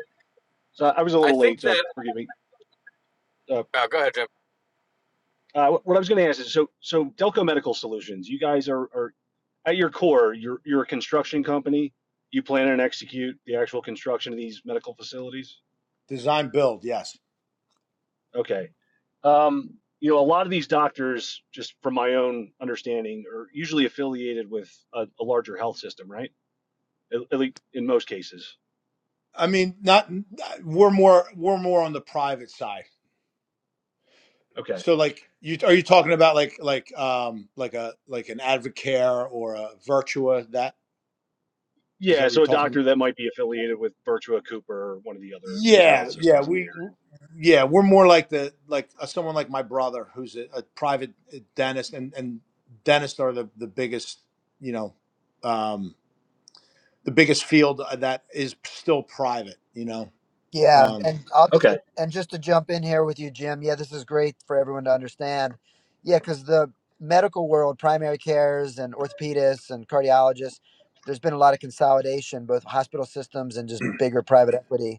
H: so I was a
C: I
H: little
C: think
H: late, so
C: that.
H: forgive me. Uh,
C: Oh, go ahead, Jack.
H: uh, what I was going to ask is, so so Delco Medical Solutions, you guys are are at your core, you're you're a construction company. You plan and execute the actual construction of these medical facilities.
A: design build yes
H: Okay. Um, you know, a lot of these doctors, just from my own understanding, are usually affiliated with a, a larger health system, right? At, at least in most cases.
A: i mean not we're more we're more on the private side
H: Okay.
A: So like you are you talking about like like um like a like an Advocare or a Virtua that is
H: Yeah,
A: that what you're
H: so a
A: talking about?
H: doctor that might be affiliated with Virtua Cooper or one of the other major
A: Yeah,
H: health
A: yeah,
H: systems in the
A: we
H: area.
A: yeah, we're more like the like uh, someone like my brother who's a, a private uh, dentist and and dentists are the the biggest, you know, um the biggest field uh, that is still private, you know.
B: yeah.
A: Um
B: And I'll
H: Okay.
B: just, and just to jump in here with you, Jim. Yeah, this is great for everyone to understand. Yeah, because the medical world, primary cares and orthopedists and cardiologists, there's been a lot of consolidation, both hospital systems and just bigger private equity.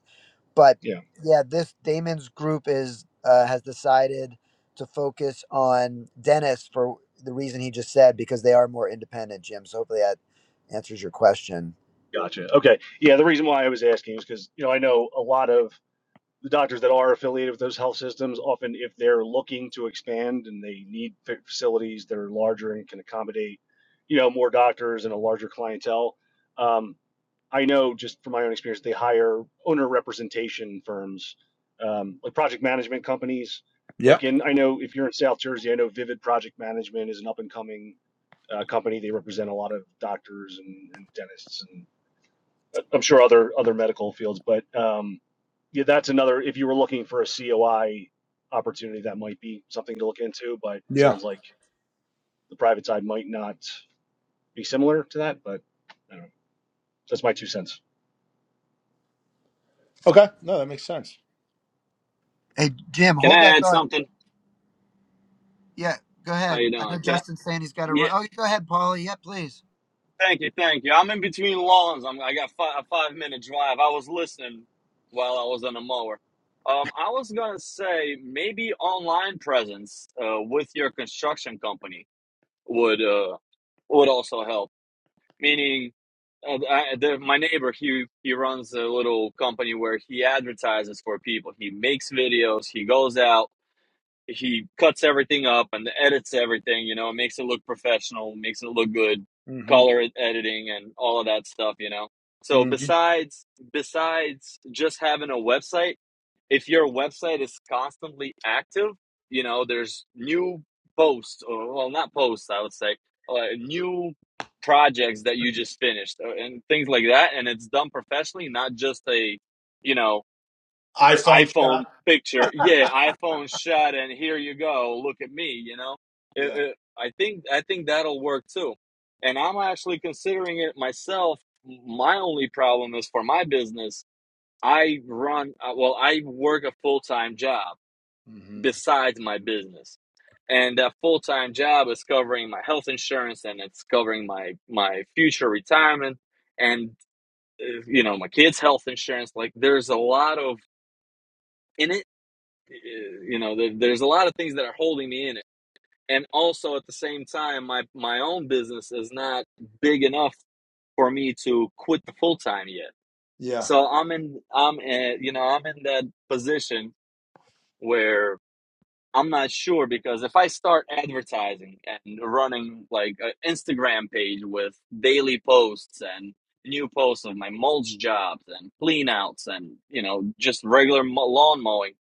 B: but
H: Yeah.
B: yeah, this Damon's group is uh, has decided to focus on Dennis for the reason he just said because they are more independent, Jim. So hopefully that answers your question.
H: Gotcha. Okay. Yeah. The reason why I was asking is because, you know, I know a lot of the doctors that are affiliated with those health systems often, if they're looking to expand and they need fa- facilities that are larger and can accommodate, you know, more doctors and a larger clientele, um, I know just from my own experience, they hire owner representation firms, um, like project management companies.
A: yeah.
H: Like in, I know if you're in South Jersey, I know Vivid Project Management is an up and coming uh, company. They represent a lot of doctors and, and dentists and I'm sure other other medical fields, but um, yeah, that's another. If you were looking for a COI opportunity, that might be something to look into. But it
A: Yeah.
H: sounds like the private side might not be similar to that. But I don't know. that's my two cents.
A: Okay. No, that makes sense.
B: Hey, Jim,
E: Can
B: hold
E: I
B: that
E: add
B: thought.
E: something?
B: Yeah, go
E: How you
B: ahead. I
E: doing,
B: know
E: Cat?
B: Justin's saying he's got to
E: Yeah,
B: run. Oh, go ahead, Paulie. Yeah, please.
E: thank you, thank you. I'm in between lawns. I'm, I got fi- a five minute drive. I was listening while I was on the mower. Um, I was gonna say maybe online presence uh, with your construction company would uh, would also help. Meaning, uh, I, the, my neighbor he he runs a little company where he advertises for people. He makes videos. He goes out. he cuts everything up and edits everything, you know, makes it look professional, makes it look good,
A: Mhm.
E: color e-, editing and all of that stuff, you know. So
A: Mhm.
E: besides besides just having a website, if your website is constantly active, you know, there's new posts or well, not posts, I would say, uh, new projects that you just finished uh, and things like that and it's done professionally, not just a, you know,
A: iPhone
E: iPhone
A: shop.
E: picture. Yeah, iPhone shot, and here you go. Look at me. You know, It-
A: yeah.
E: it- I think I think that'll work too. And I'm actually considering it myself. My only problem is for my business. I run uh, well. I work a full time job
A: Mhm.
E: besides my business, and that full time job is covering my health insurance and it's covering my my future retirement and uh, you know my kids' health insurance. Like there's a lot of and uh, you know there, there's a lot of things that are holding me in it and also at the same time my my own business is not big enough for me to quit the full time yet
A: Yeah.
E: so i'm in i'm in, you know i'm in that position where. I'm not sure because if I start advertising and running like an Instagram page with daily posts and new posts of my mulch jobs and clean outs and you know just regular lawn mowing,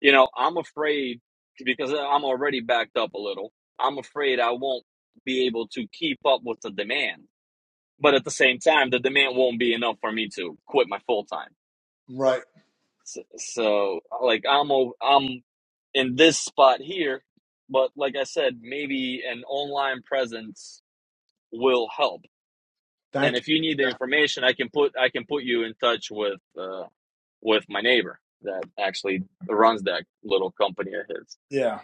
E: you know, I'm afraid because I'm already backed up a little. I'm afraid I won't be able to keep up with the demand. But at the same time, the demand won't be enough for me to quit my full time.
A: Right.
E: So, so like I'm o- I'm in this spot here, but like I said, maybe an online presence will help. And
A: Thank you.
E: if you need the
A: Yeah.
E: information, I can put I can put you in touch with uh, with my neighbor that actually runs that little company of his.
A: Yeah.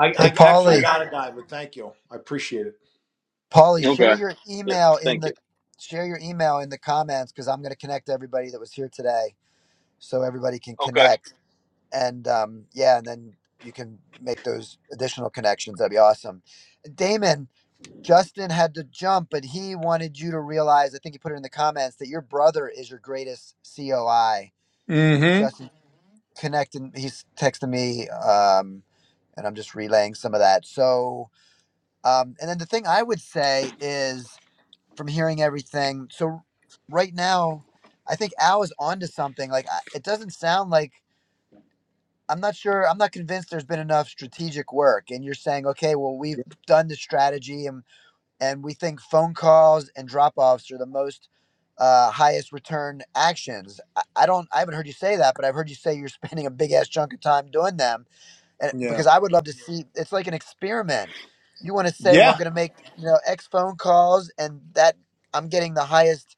A: I,
B: Hey,
A: I actually
E: Yeah.
B: Paulie.
A: got a guy, but thank you. I appreciate it.
B: Paulie, share
E: Okay.
B: your
E: Yep.
B: email in
E: Thank
B: the
E: you.
B: share your email in the comments because I'm going to connect everybody that was here today so everybody can
E: Okay.
B: connect. and um, yeah, and then you can make those additional connections. That'd be awesome. Damon, Justin had to jump, but he wanted you to realize. I think he put it in the comments that your brother is your greatest COI.
A: Mm-hmm.
B: Justin connected. He's texting me, um, and I'm just relaying some of that. So, um, and then the thing I would say is from hearing everything. So, right now, I think Al is onto something. Like I- it doesn't sound like I'm not sure. I'm not convinced there's been enough strategic work. And you're saying, okay, well, we've done the strategy, and and we think phone calls and drop offs are the most uh, highest return actions. I, I don't. I haven't heard you say that, but I've heard you say you're spending a big ass chunk of time doing them. And
A: Yeah.
B: because I would love to see, it's like an experiment. You want to say, well, I'm
A: Yeah.
B: going to make you know X phone calls, and that I'm getting the highest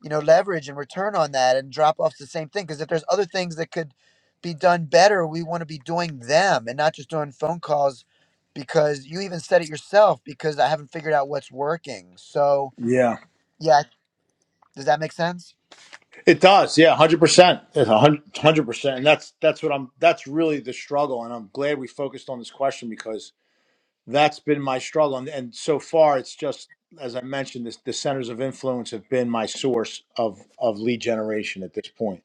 B: you know leverage and return on that and drop off's the same thing because if there's other things that could be done better we want to be doing them and not just doing phone calls because you even said it yourself because i haven't figured out what's working so
A: Yeah.
B: yeah does that make sense
A: It does. Yeah. Hundred percent. It's a Hundred hundred percent. And that's that's what I'm. That's really the struggle. And I'm glad we focused on this question because that's been my struggle. And, and so far, it's just as I mentioned, this, the centers of influence have been my source of of lead generation at this point.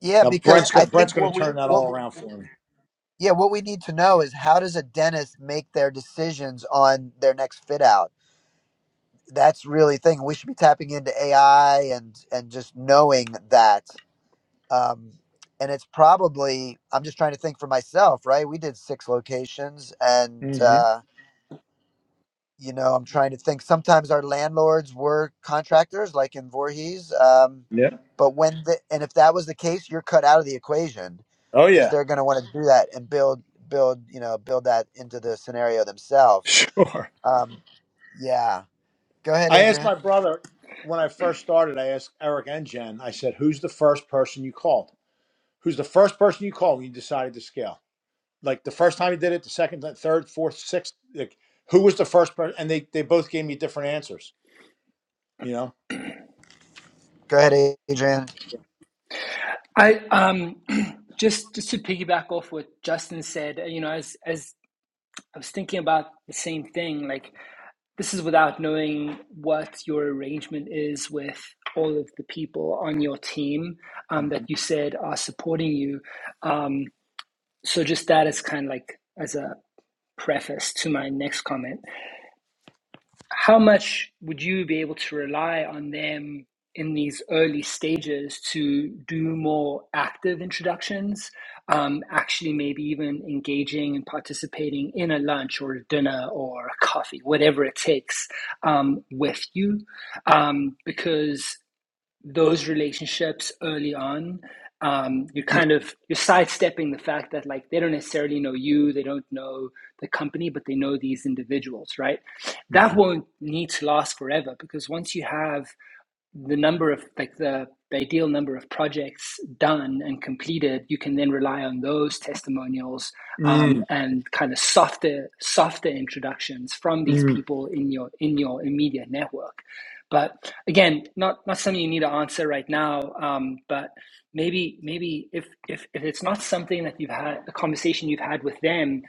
B: yeah
A: Now
B: because
A: Brent's
B: i
A: gonna, Brent's
B: think
A: going to
B: what we
A: turn that
B: what
A: all
B: we,
A: around for me.
B: yeah what we need to know is how does a dentist make their decisions on their next fit out that's really thing we should be tapping into ai and and just knowing that um, and it's probably i'm just trying to think for myself right we did six locations and
A: Mm-hmm.
B: uh, you know i'm trying to think sometimes our landlords were contractors like in Voorhees. um,
A: Yeah.
B: but when the, and if that was the case you're cut out of the equation
A: Oh
B: because
A: yeah.
B: they're going to want to do that and build build you know build that into the scenario themselves
A: Sure.
B: um, yeah go ahead
A: I asked
B: adrian
A: my brother when I first started, I asked Eric and Jen, I said, who's the first person you called? Who's the first person you called when you decided to scale? Like the first time you did it, the second, the third, fourth, sixth, like who was the first person? And they, they both gave me different answers, you know?
B: go ahead adrian
G: I um just just to piggyback off what Justin said, you know, as as I was thinking about the same thing, like this is without knowing what your arrangement is with all of the people on your team um, that
A: hmm
G: you said are supporting you. Um, so just that is kind of like as a preface to my next comment. how much would you be able to rely on them in these early stages to do more active introductions um, actually maybe even engaging and participating in a lunch or a dinner or a coffee whatever it takes um, with you um, because those relationships early on um, you're kind of you're sidestepping the fact that like they don't necessarily know you they don't know the company but they know these individuals right that won't need to last forever because once you have the number of like the, the ideal number of projects done and completed you can then rely on those testimonials um,
A: Mm,
G: and kind of softer softer introductions from these
A: mm,
G: people in your in your immediate network but again not not something you need to answer right now um, but maybe maybe if, if if it's not something that you've had a conversation you've had with them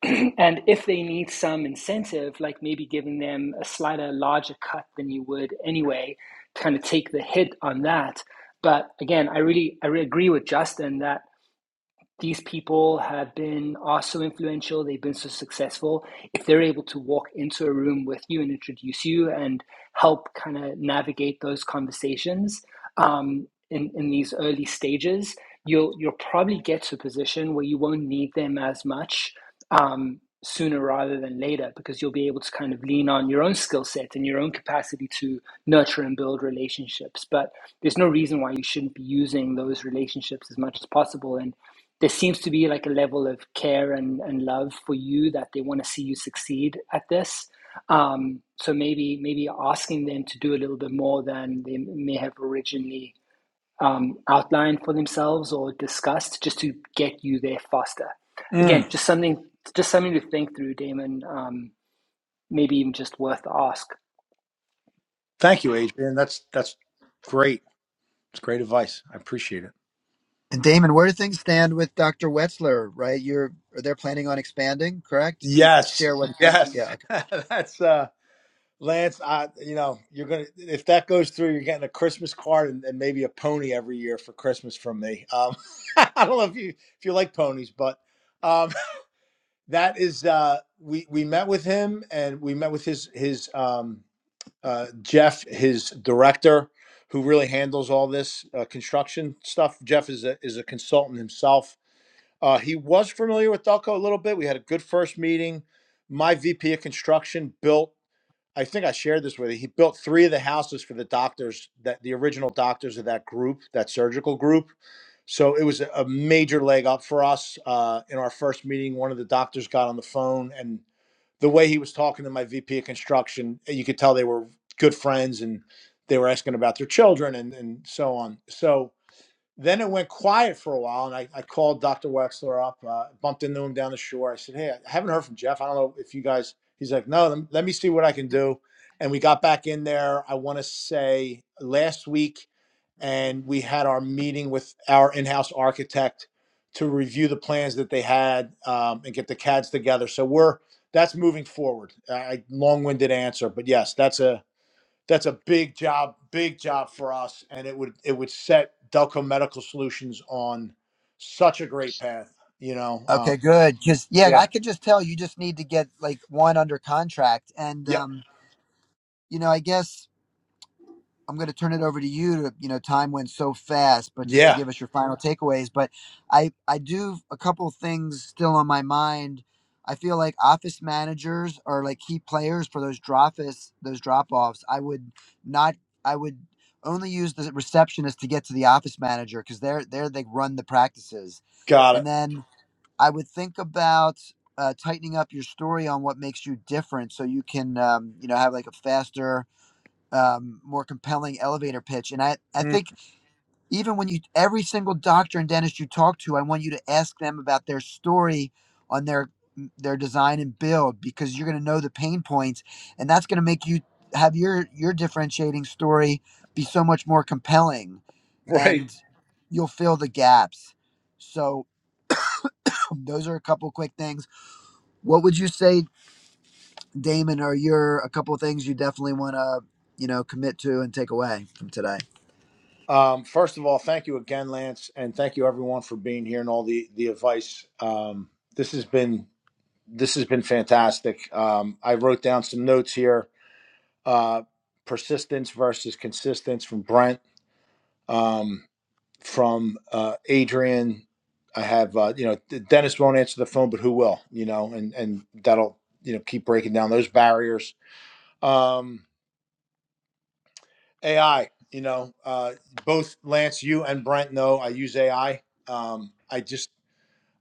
G: and if they need some incentive, like maybe giving them a slightly larger cut than you would anyway, kind of take the hit on that. But again, I really I really agree with Justin that these people have been are so influential they've been so successful if they're able to walk into a room with you and introduce you and help kind of navigate those conversations um, in, in these early stages you'll you'll probably get to a position where you won't need them as much um, sooner rather than later because you'll be able to kind of lean on your own skill set and your own capacity to nurture and build relationships but there's no reason why you shouldn't be using those relationships as much as possible and there seems to be like a level of care and, and love for you that they want to see you succeed at this. Um, so maybe maybe asking them to do a little bit more than they may have originally um, outlined for themselves or discussed, just to get you there faster.
A: mm.
G: Again, just something just something to think through, Damon. Um, maybe even just worth the ask.
A: Thank you, Adrian. That's, that's great. It's great advice. I appreciate it.
B: And Damon, where do things stand with Dr. Wetzler? Right, you're they're planning on expanding, correct? You
A: Yes.
B: share what?
A: Yes.
B: Yeah. Okay.
A: that's, uh, Lance, I you know you're gonna if that goes through, you're getting a Christmas card and, and maybe a pony every year for Christmas from me. Um, I don't know if you if you like ponies, but um, that is uh, we we met with him and we met with his his um, uh, Jeff, his director, who really handles all this uh, construction stuff. Jeff is a is a consultant himself. Uh, he was familiar with Delco a little bit. We had a good first meeting. My VP of construction built. I think I shared this with you. He built three of the houses for the doctors that the original doctors of that group, that surgical group. So it was a a major leg up for us. Uh, in our first meeting, one of the doctors got on the phone, and the way he was talking to my VP of construction, eh, you could tell they were good friends, and they were asking about their children and and so on. So then it went quiet for a while, and I, I called Dr. Wexler up, uh, bumped into him down the shore. I said, Hey, I haven't heard from Jeff. I don't know if you guys, he's like, No, let me see what I can do. And we got back in there, I want to say last week, and we had our meeting with our in house architect to review the plans that they had um, and get the CADs together. So we're, that's moving forward. I long winded answer, but yes, that's a, that's a big job, big job for us, and it would it would set Delco Medical Solutions on such a great path. You know, um,
B: Okay, good. Because yeah, I
A: yeah,
B: could just tell you just need to get like one under contract, and
A: yep,
B: um, you know, I guess I'm going to turn it over to you. To, you know, time went so fast, but just to
A: yeah,
B: give us your final takeaways. But I, I do a couple things still on my mind. I feel like office managers are like key players for those drop those drop offs. I would not. I would only use the receptionist to get to the office manager because they're they're they run the practices.
A: got it.
B: And then I would think about uh, tightening up your story on what makes you different, so you can um, you know have like a faster um, more compelling elevator pitch. And I, I
A: Mm,
B: think even when you, every single doctor and dentist you talk to, I want you to ask them about their story on their, their design and build because you're going to know the pain points and that's going to make you have your, your differentiating story be so much more compelling
A: Right.
B: and you'll fill the gaps. So those are a couple quick things. What would you say, Damon, are your, a couple of things you definitely want to, you know, commit to and take away from today?
A: Um, first of all, thank you again, Lance, and thank you everyone for being here and all the the advice. Um, this has been this has been fantastic. Um, I wrote down some notes here. Uh, persistence versus consistence from Brent. Um, from uh, Adrian. I have uh, you know Dennis won't answer the phone, but who will? You know, and and that'll you know keep breaking down those barriers. Um, AI, you know, uh, both Lance, you and Brent know I use AI. Um, I just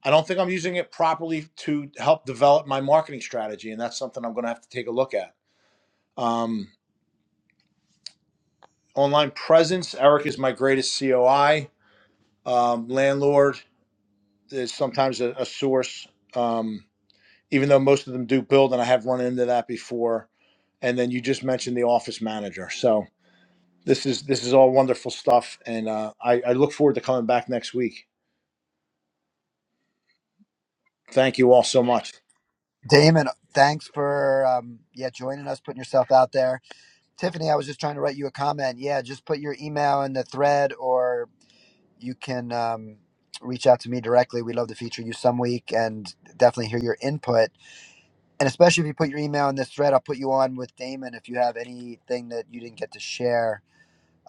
A: I don't think I'm using it properly to help develop my marketing strategy, and that's something I'm going to have to take a look at. Um, online presence, Eric is my greatest COI. Um, landlord is sometimes a, a source. Um, even though most of them do build, and I have run into that before. And then you just mentioned the office manager. So this is this is all wonderful stuff, and uh, I, I look forward to coming back next week. Thank you all so much.
B: Damon, thanks for um, yeah joining us, putting yourself out there. Tiffany, I was just trying to write you a comment. Yeah, just put your email in the thread, or you can um, reach out to me directly. We'd love to feature you some week and definitely hear your input. And especially if you put your email in this thread, I'll put you on with Damon. If you have anything that you didn't get to share,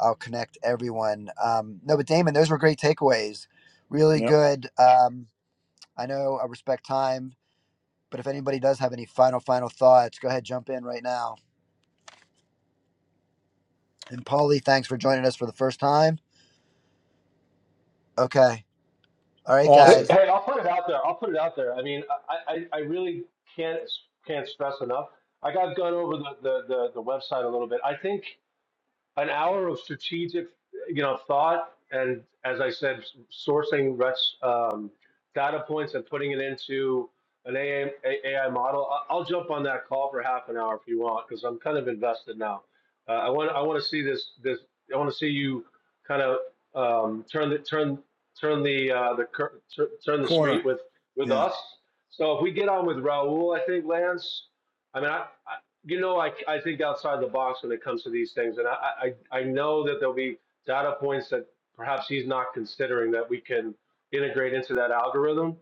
B: I'll connect everyone. Um, no, but Damon, those were great takeaways. Really
A: Yep,
B: good. Um, I know I respect time but if anybody does have any final, final thoughts, go ahead, jump in right now. And Paulie, thanks for joining us for the first time. Okay. All right,
D: Hey,
A: awesome
B: guys.
D: hey, I'll put it out there. I'll put it out there. I mean, I, I, I really can't can't stress enough. i got gone over the, the, the, the website a little bit. I think an hour of strategic, you know, thought, and as I said, sourcing rest, um, data points and putting it into an AI, model. I- I'll jump on that call for half an hour if you want, because I'm kind of invested now. Uh, I want I want to see this this I want to see you kind of um, turn the turn turn the uh, the cur- tur- turn the street
A: corner.
D: with with
A: Yeah,
D: us. So if we get on with Raul, I think Lance. I mean, I, you know, I, I think outside the box when it comes to these things. And I, I, I know that there'll be data points that perhaps he's not considering that we can integrate into that algorithm.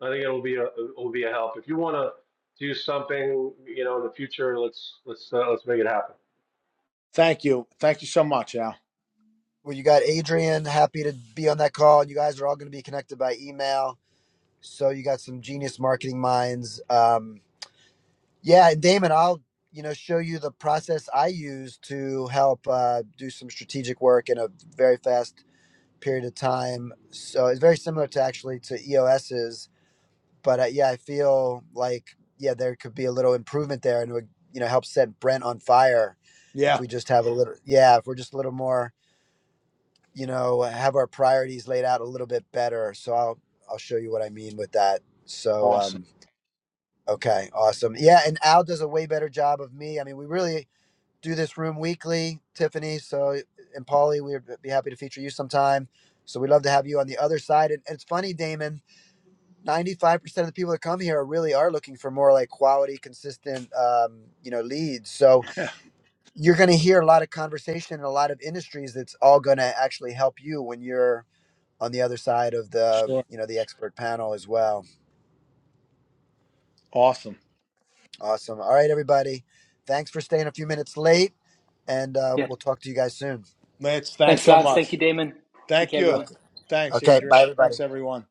D: I think it'll be a, it'll be a help. If you want to do something, you know, in the future, let's, let's, uh, let's make it happen.
A: thank you, thank you so much, Al.
B: Well, you got Adrian, happy to be on that call. you guys are all going to be connected by email. So you got some genius marketing minds. Um, yeah, and Damon, I'll you know show you the process I use to help uh, do some strategic work in a very fast period of time. So it's very similar to actually to EOS's but uh, yeah, I feel like yeah, there could be a little improvement there, and it would you know help set Brent on fire if
A: Yeah,
B: we just have a little yeah, if we're just a little more you know have our priorities laid out a little bit better. So I'll I'll show you what I mean with that. So
A: awesome.
B: um okay, awesome. Yeah, and Al does a way better job of me. I mean, we really do this room weekly, Tiffany. So and Paulie, we'd be happy to feature you sometime. So we'd love to have you on the other side. And, and it's funny, Damon. 95% of the people that come here really are looking for more like quality consistent um, you know leads so
A: Yeah,
B: you're going to hear a lot of conversation in a lot of industries that's all going to actually help you when you're on the other side of the
A: sure,
B: you know the expert panel as well
A: awesome.
B: awesome all right everybody thanks for staying a few minutes late and uh,
G: Yeah.
B: we'll talk to you guys soon
A: Lance, thanks
G: Thanks,
A: so
G: lads. Thank you,
A: much.
G: Damon. Take
A: Thank
G: care,
A: you.
G: everyone.
B: okay
A: Thanks,
B: okay
A: Adrian.
B: bye everybody
A: Thanks, everyone.